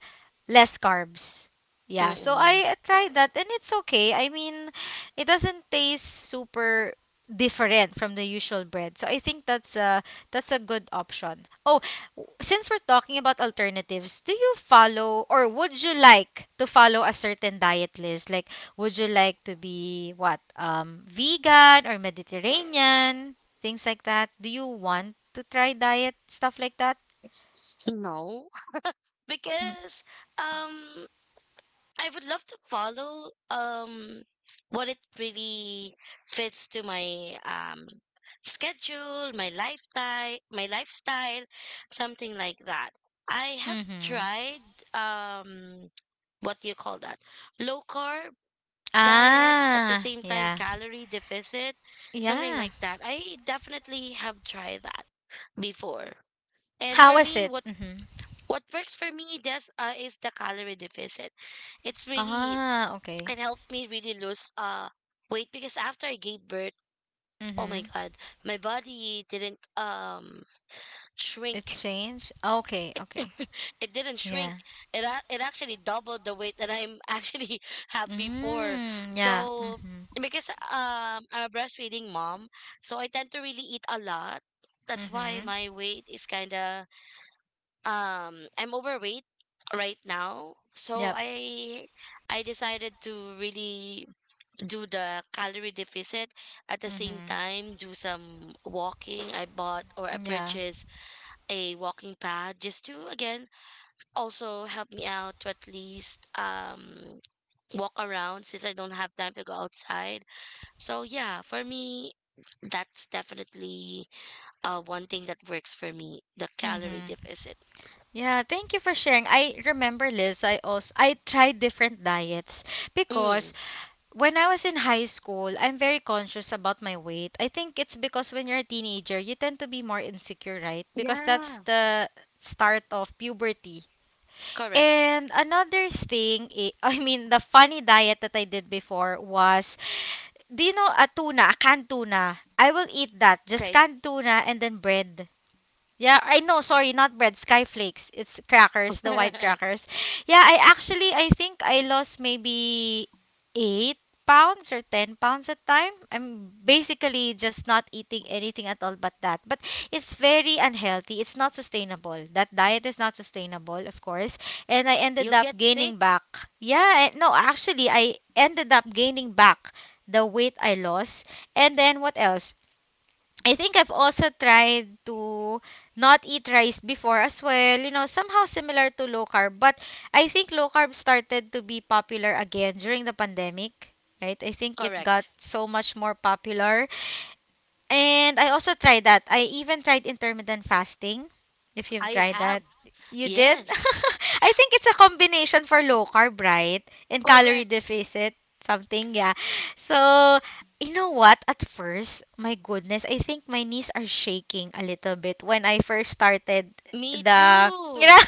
[SPEAKER 1] less carbs. Yeah, so
[SPEAKER 2] Mm-mm.
[SPEAKER 1] I tried that and it's okay. I mean, it doesn't taste super different from the usual bread. So I think that's a good option. Oh, since we're talking about alternatives, do you follow or would you like to follow a certain diet list? Like would you like to be what? Vegan or Mediterranean? Things like that? Do you want to try diet stuff like that?
[SPEAKER 2] No, because um, I would love to follow what it really fits to my schedule, my lifestyle, something like that. I have
[SPEAKER 1] Mm-hmm.
[SPEAKER 2] tried, um what do you call that? Low carb diet, at the
[SPEAKER 1] Ah,
[SPEAKER 2] same time
[SPEAKER 1] yeah.
[SPEAKER 2] calorie deficit, something
[SPEAKER 1] Yeah.
[SPEAKER 2] like that. I definitely have tried that before, and
[SPEAKER 1] How
[SPEAKER 2] for
[SPEAKER 1] was
[SPEAKER 2] me,
[SPEAKER 1] it? Mm-hmm.
[SPEAKER 2] what works for me does is the calorie deficit. It's really,
[SPEAKER 1] Ah,
[SPEAKER 2] it
[SPEAKER 1] okay.
[SPEAKER 2] helps me really lose, weight, because after I gave birth, oh my
[SPEAKER 1] Mm-hmm.
[SPEAKER 2] god, my body didn't
[SPEAKER 1] It
[SPEAKER 2] shrink,
[SPEAKER 1] changed? Okay, okay.
[SPEAKER 2] it didn't shrink.
[SPEAKER 1] Yeah.
[SPEAKER 2] It actually doubled the weight that I'm actually have before.
[SPEAKER 1] Mm, yeah.
[SPEAKER 2] So
[SPEAKER 1] Mm-hmm.
[SPEAKER 2] because I'm a breastfeeding mom, so I tend to really eat a lot. That's why
[SPEAKER 1] Mm-hmm.
[SPEAKER 2] my weight is kind of, I'm overweight right now. So
[SPEAKER 1] Yep.
[SPEAKER 2] I decided to really do the calorie deficit, at the same
[SPEAKER 1] Mm-hmm.
[SPEAKER 2] time do some walking. I bought or I
[SPEAKER 1] Yeah.
[SPEAKER 2] purchased a walking pad just to again also help me out to at least, walk around, since I don't have time to go outside. So yeah, for me, that's definitely one thing that works for me. The calorie
[SPEAKER 1] Mm-hmm.
[SPEAKER 2] deficit.
[SPEAKER 1] Yeah, thank you for sharing. I remember, Liz, I also I tried different diets because
[SPEAKER 2] Mm,
[SPEAKER 1] when I was in high school, I'm very conscious about my weight. I think it's because when you're a teenager, you tend to be more insecure, right? Because that's
[SPEAKER 2] yeah,
[SPEAKER 1] the start of puberty.
[SPEAKER 2] correct.
[SPEAKER 1] And another thing, I I mean, the funny diet that I did before was, do you know a tuna, a canned tuna? I will eat that, just
[SPEAKER 2] Okay.
[SPEAKER 1] canned tuna and then bread. Yeah, I know, sorry, not bread, skyflakes. It's crackers, the white crackers. Yeah, I actually I think I lost maybe 8 pounds or 10 pounds at time. I'm basically just not eating anything at all but that. But it's very unhealthy. It's not sustainable. That diet is not sustainable, of course. And I ended
[SPEAKER 2] You
[SPEAKER 1] up
[SPEAKER 2] get sick.
[SPEAKER 1] gaining back. Yeah, I- no, actually I ended up gaining back the weight I lost. And then what else? I think I've also tried to not eat rice before as well. You know, somehow similar to low carb, but I think low carb started to be popular again during the pandemic, right? I think it got
[SPEAKER 2] Correct.
[SPEAKER 1] so much more popular. And I also tried that. I even tried intermittent fasting. If you've
[SPEAKER 2] I
[SPEAKER 1] tried
[SPEAKER 2] have.
[SPEAKER 1] that, you did?
[SPEAKER 2] Yes.
[SPEAKER 1] I think it's a combination for low carb, right? And calorie
[SPEAKER 2] Correct.
[SPEAKER 1] deficit, something, yeah. So, you know what? At first, my goodness, I think my knees are shaking a little bit when I first started
[SPEAKER 2] Me
[SPEAKER 1] the. You
[SPEAKER 2] too.
[SPEAKER 1] know?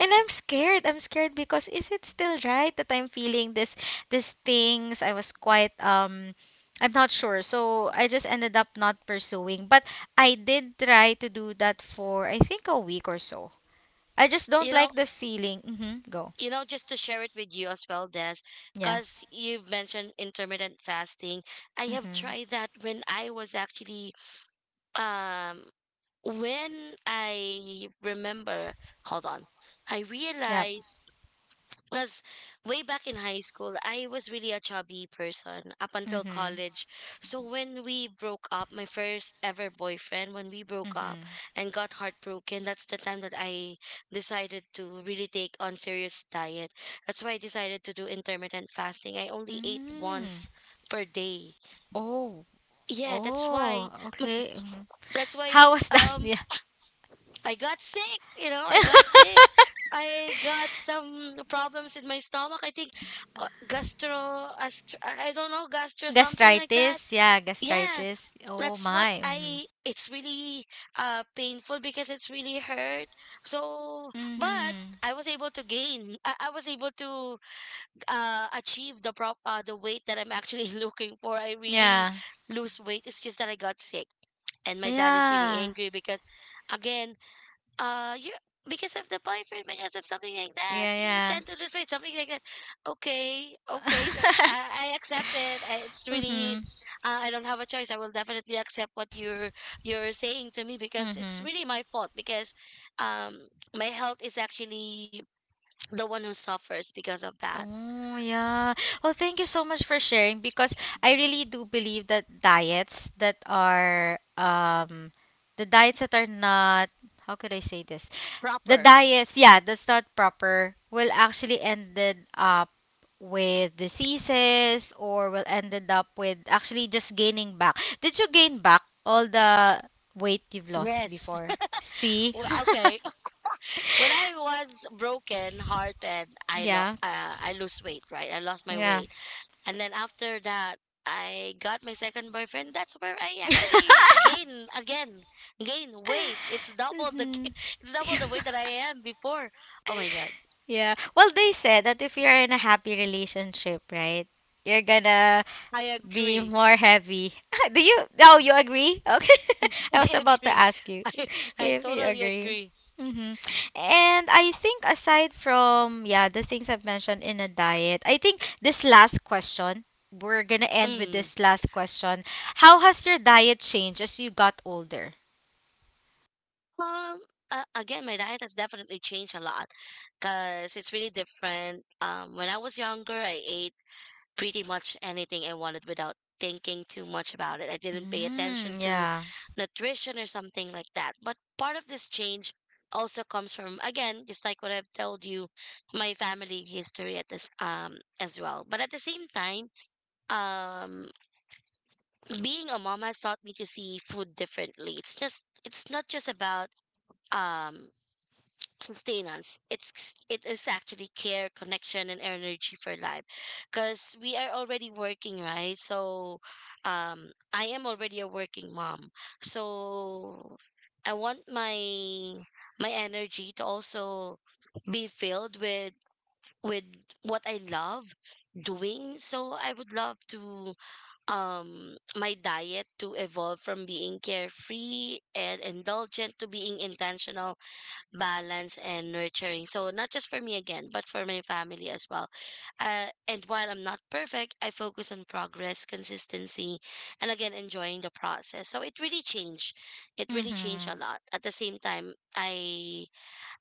[SPEAKER 1] And I'm scared. I'm scared because is it still right that I'm feeling this these things? I was quite I'm not sure. So I just ended up not pursuing. But I did try to do that for I think a week or so. I just don't
[SPEAKER 2] You know
[SPEAKER 1] like the feeling. Mm-hmm. Go.
[SPEAKER 2] you know, just to share it with you as well, Des,
[SPEAKER 1] Yeah.
[SPEAKER 2] because you've mentioned intermittent fasting. I have
[SPEAKER 1] Mm-hmm.
[SPEAKER 2] tried that when I was actually, um, when I remember, hold on, I
[SPEAKER 1] Yep.
[SPEAKER 2] realized, because way back in high school, I was really a chubby person up until
[SPEAKER 1] Mm-hmm.
[SPEAKER 2] college. So when we broke up, my first ever boyfriend, when we broke up
[SPEAKER 1] Mm-hmm.
[SPEAKER 2] and got heartbroken, that's the time that I decided to really take on serious diet. That's why I decided to do intermittent fasting. I only ate
[SPEAKER 1] mm
[SPEAKER 2] once per day.
[SPEAKER 1] Oh.
[SPEAKER 2] Yeah, that's
[SPEAKER 1] Oh.
[SPEAKER 2] why.
[SPEAKER 1] Okay. Mm-hmm.
[SPEAKER 2] That's why.
[SPEAKER 1] How? yeah.
[SPEAKER 2] I got sick, you know, I got sick. I got some problems in my stomach. I think, gastro, ast- I don't know,
[SPEAKER 1] Oh,
[SPEAKER 2] gastro, something like that.
[SPEAKER 1] gastritis. Yeah,
[SPEAKER 2] Yeah,
[SPEAKER 1] gastritis. Oh
[SPEAKER 2] that's what
[SPEAKER 1] my. Mm-hmm.
[SPEAKER 2] it's really, painful, because it's really hurt. So, but
[SPEAKER 1] Mm-hmm.
[SPEAKER 2] I was able to I was able to, achieve the the weight that I'm actually looking for. I really
[SPEAKER 1] Yeah.
[SPEAKER 2] lose weight. It's just that I got sick. And my dad is really
[SPEAKER 1] Yeah.
[SPEAKER 2] angry because, again, you're, because of the boyfriend, because of something like that,
[SPEAKER 1] Yeah.
[SPEAKER 2] you tend
[SPEAKER 1] Yeah.
[SPEAKER 2] to lose weight, something like that. Okay, okay. So I accept it, it's really,
[SPEAKER 1] Mm-hmm.
[SPEAKER 2] I don't have a choice. I will definitely accept what you're saying to me, because it's
[SPEAKER 1] Mm-hmm.
[SPEAKER 2] really my fault, because um my health is actually the one who suffers because of that.
[SPEAKER 1] Oh, yeah. Well, thank you so much for sharing because I really do believe that diets that are the diets that are not, how could I say this? The
[SPEAKER 2] Proper.
[SPEAKER 1] diets, yeah, that's not proper will actually ended up with diseases or will ended up with actually just gaining back. Did you gain back all the weight you've lost
[SPEAKER 2] Yes,
[SPEAKER 1] before? See?
[SPEAKER 2] well, okay. When I was broken hearted,
[SPEAKER 1] Yeah.
[SPEAKER 2] I lose weight, right? I lost my
[SPEAKER 1] Yeah.
[SPEAKER 2] weight. And then after that, I got my second boyfriend. That's where I actually gain weight. It's
[SPEAKER 1] Mhm.
[SPEAKER 2] it's double the weight that I am before. Oh my god!
[SPEAKER 1] Yeah. Well, they said that if you're in a happy relationship, right, you're gonna
[SPEAKER 2] I
[SPEAKER 1] be
[SPEAKER 2] agree.
[SPEAKER 1] more heavy. Do you? Oh, you agree? Okay. I was
[SPEAKER 2] I
[SPEAKER 1] about to
[SPEAKER 2] agree.
[SPEAKER 1] ask you
[SPEAKER 2] I I
[SPEAKER 1] if you
[SPEAKER 2] totally
[SPEAKER 1] agree.
[SPEAKER 2] agree.
[SPEAKER 1] Mm-hmm. And I think aside from yeah the things I've mentioned in a diet, I think this last question, we're gonna end with
[SPEAKER 2] Hmm.
[SPEAKER 1] this last question. How has your diet changed as you got older?
[SPEAKER 2] Um. Again, my diet has definitely changed a lot because it's really different. When I was younger, I ate pretty much anything I wanted without thinking too much about it. I didn't pay attention
[SPEAKER 1] Mm,
[SPEAKER 2] to
[SPEAKER 1] yeah.
[SPEAKER 2] nutrition or something like that. But part of this change also comes from, again, just like what I've told you, my family history at this, as well. But at the same time, um being a mom has taught me to see food differently. It's just it's not just about, um sustenance, it's, it is actually care, connection, and energy for life, because we are already working, right? So, I am already a working mom. So I want my, energy to also be filled with what I love doing. So I would love to, my diet to evolve from being carefree and indulgent to being intentional, balance, and nurturing. So not just for me again, but for my family as well. And while I'm not perfect, I focus on progress, consistency, and again enjoying the process. So it really changed. It really changed a
[SPEAKER 1] Mm-hmm.
[SPEAKER 2] lot. At the same time,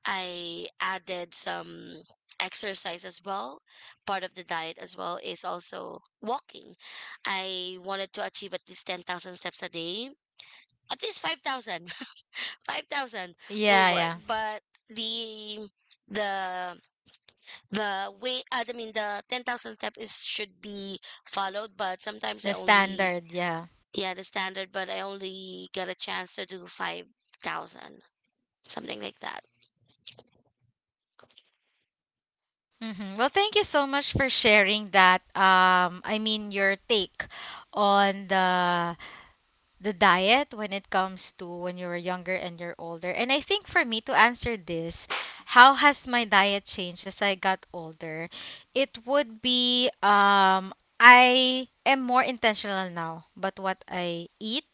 [SPEAKER 2] I added some exercise as well. Part of the diet as well is also walking. I wanted to achieve at least 10,000 steps a day. At least 5,000, five thousand will
[SPEAKER 1] Yeah,
[SPEAKER 2] work,
[SPEAKER 1] yeah.
[SPEAKER 2] but the the the way I mean the 10,000 step is should be followed. But sometimes I
[SPEAKER 1] The
[SPEAKER 2] only,
[SPEAKER 1] standard, yeah.
[SPEAKER 2] yeah, the standard, but I only get a chance to do 5,000, something like that.
[SPEAKER 1] hmm Well, thank you so much for sharing that. I mean, your take on the diet when it comes to when you were younger and you're older. And I think for me to answer this, how has my diet changed as I got older? It would be I am more intentional now but what I eat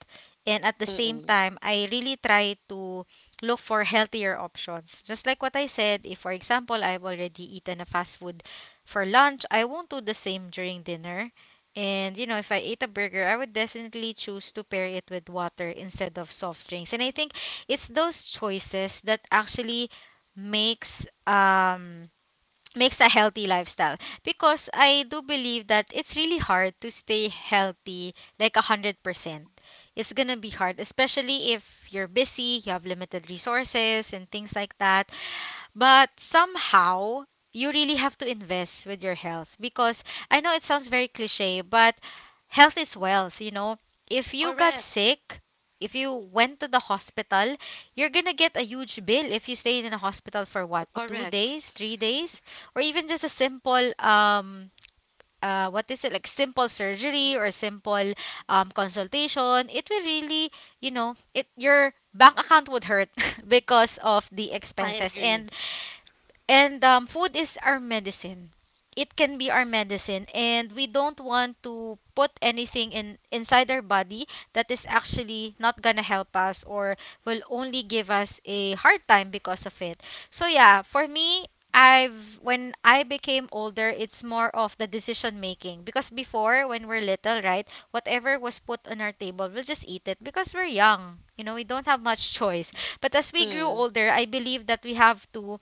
[SPEAKER 1] and at the same
[SPEAKER 2] Mm-mm.
[SPEAKER 1] time I really try to look for healthier options. Just like what I said, if for example I've already eaten a fast food for lunch, I won't do the same during dinner. And you know, if I ate a burger, I would definitely choose to pair it with water instead of soft drinks. And I think it's those choices that actually makes makes a healthy lifestyle, because I do believe that it's really hard to stay healthy like 100%. It's going to be hard, especially if you're busy, you have limited resources and things like that. But somehow, you really have to invest with your health because I know it sounds very cliche, but health is wealth, you know. If you got
[SPEAKER 2] Correct,
[SPEAKER 1] sick, if you went to the hospital, you're gonna get a huge bill if you stayed in a hospital for what, two
[SPEAKER 2] correct.
[SPEAKER 1] days, 3 days, or even just a simple what is it, like simple surgery or simple consultation. It will really, you know, it your bank account would hurt because of the
[SPEAKER 2] I
[SPEAKER 1] expenses.
[SPEAKER 2] agree.
[SPEAKER 1] And food is our medicine. It can be our medicine, and we don't want to put anything in inside our body that is actually not gonna help us or will only give us a hard time because of it. So yeah, for me, I've when I became older, it's more of the decision making. Because before when we're little, right, whatever was put on our table, we'll just eat it because we're young. You know, we don't have much choice. But as we grew
[SPEAKER 2] Mm.
[SPEAKER 1] older, I believe that we have to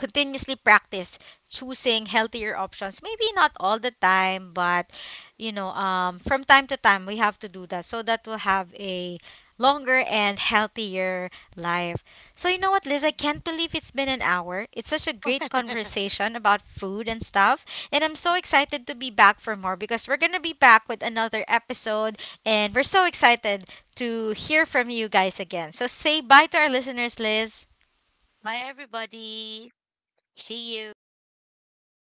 [SPEAKER 1] continuously practice choosing healthier options, maybe not all the time, but you know, from time to time we have to do that so that we'll have a longer and healthier life. So you know what, Liz, I can't believe it's been an hour. It's such a great conversation about food and stuff, and I'm so excited to be back for more because we're gonna be back with another episode, and we're so excited to hear from you guys again. So say bye to our listeners, Liz.
[SPEAKER 2] Bye, everybody. See you.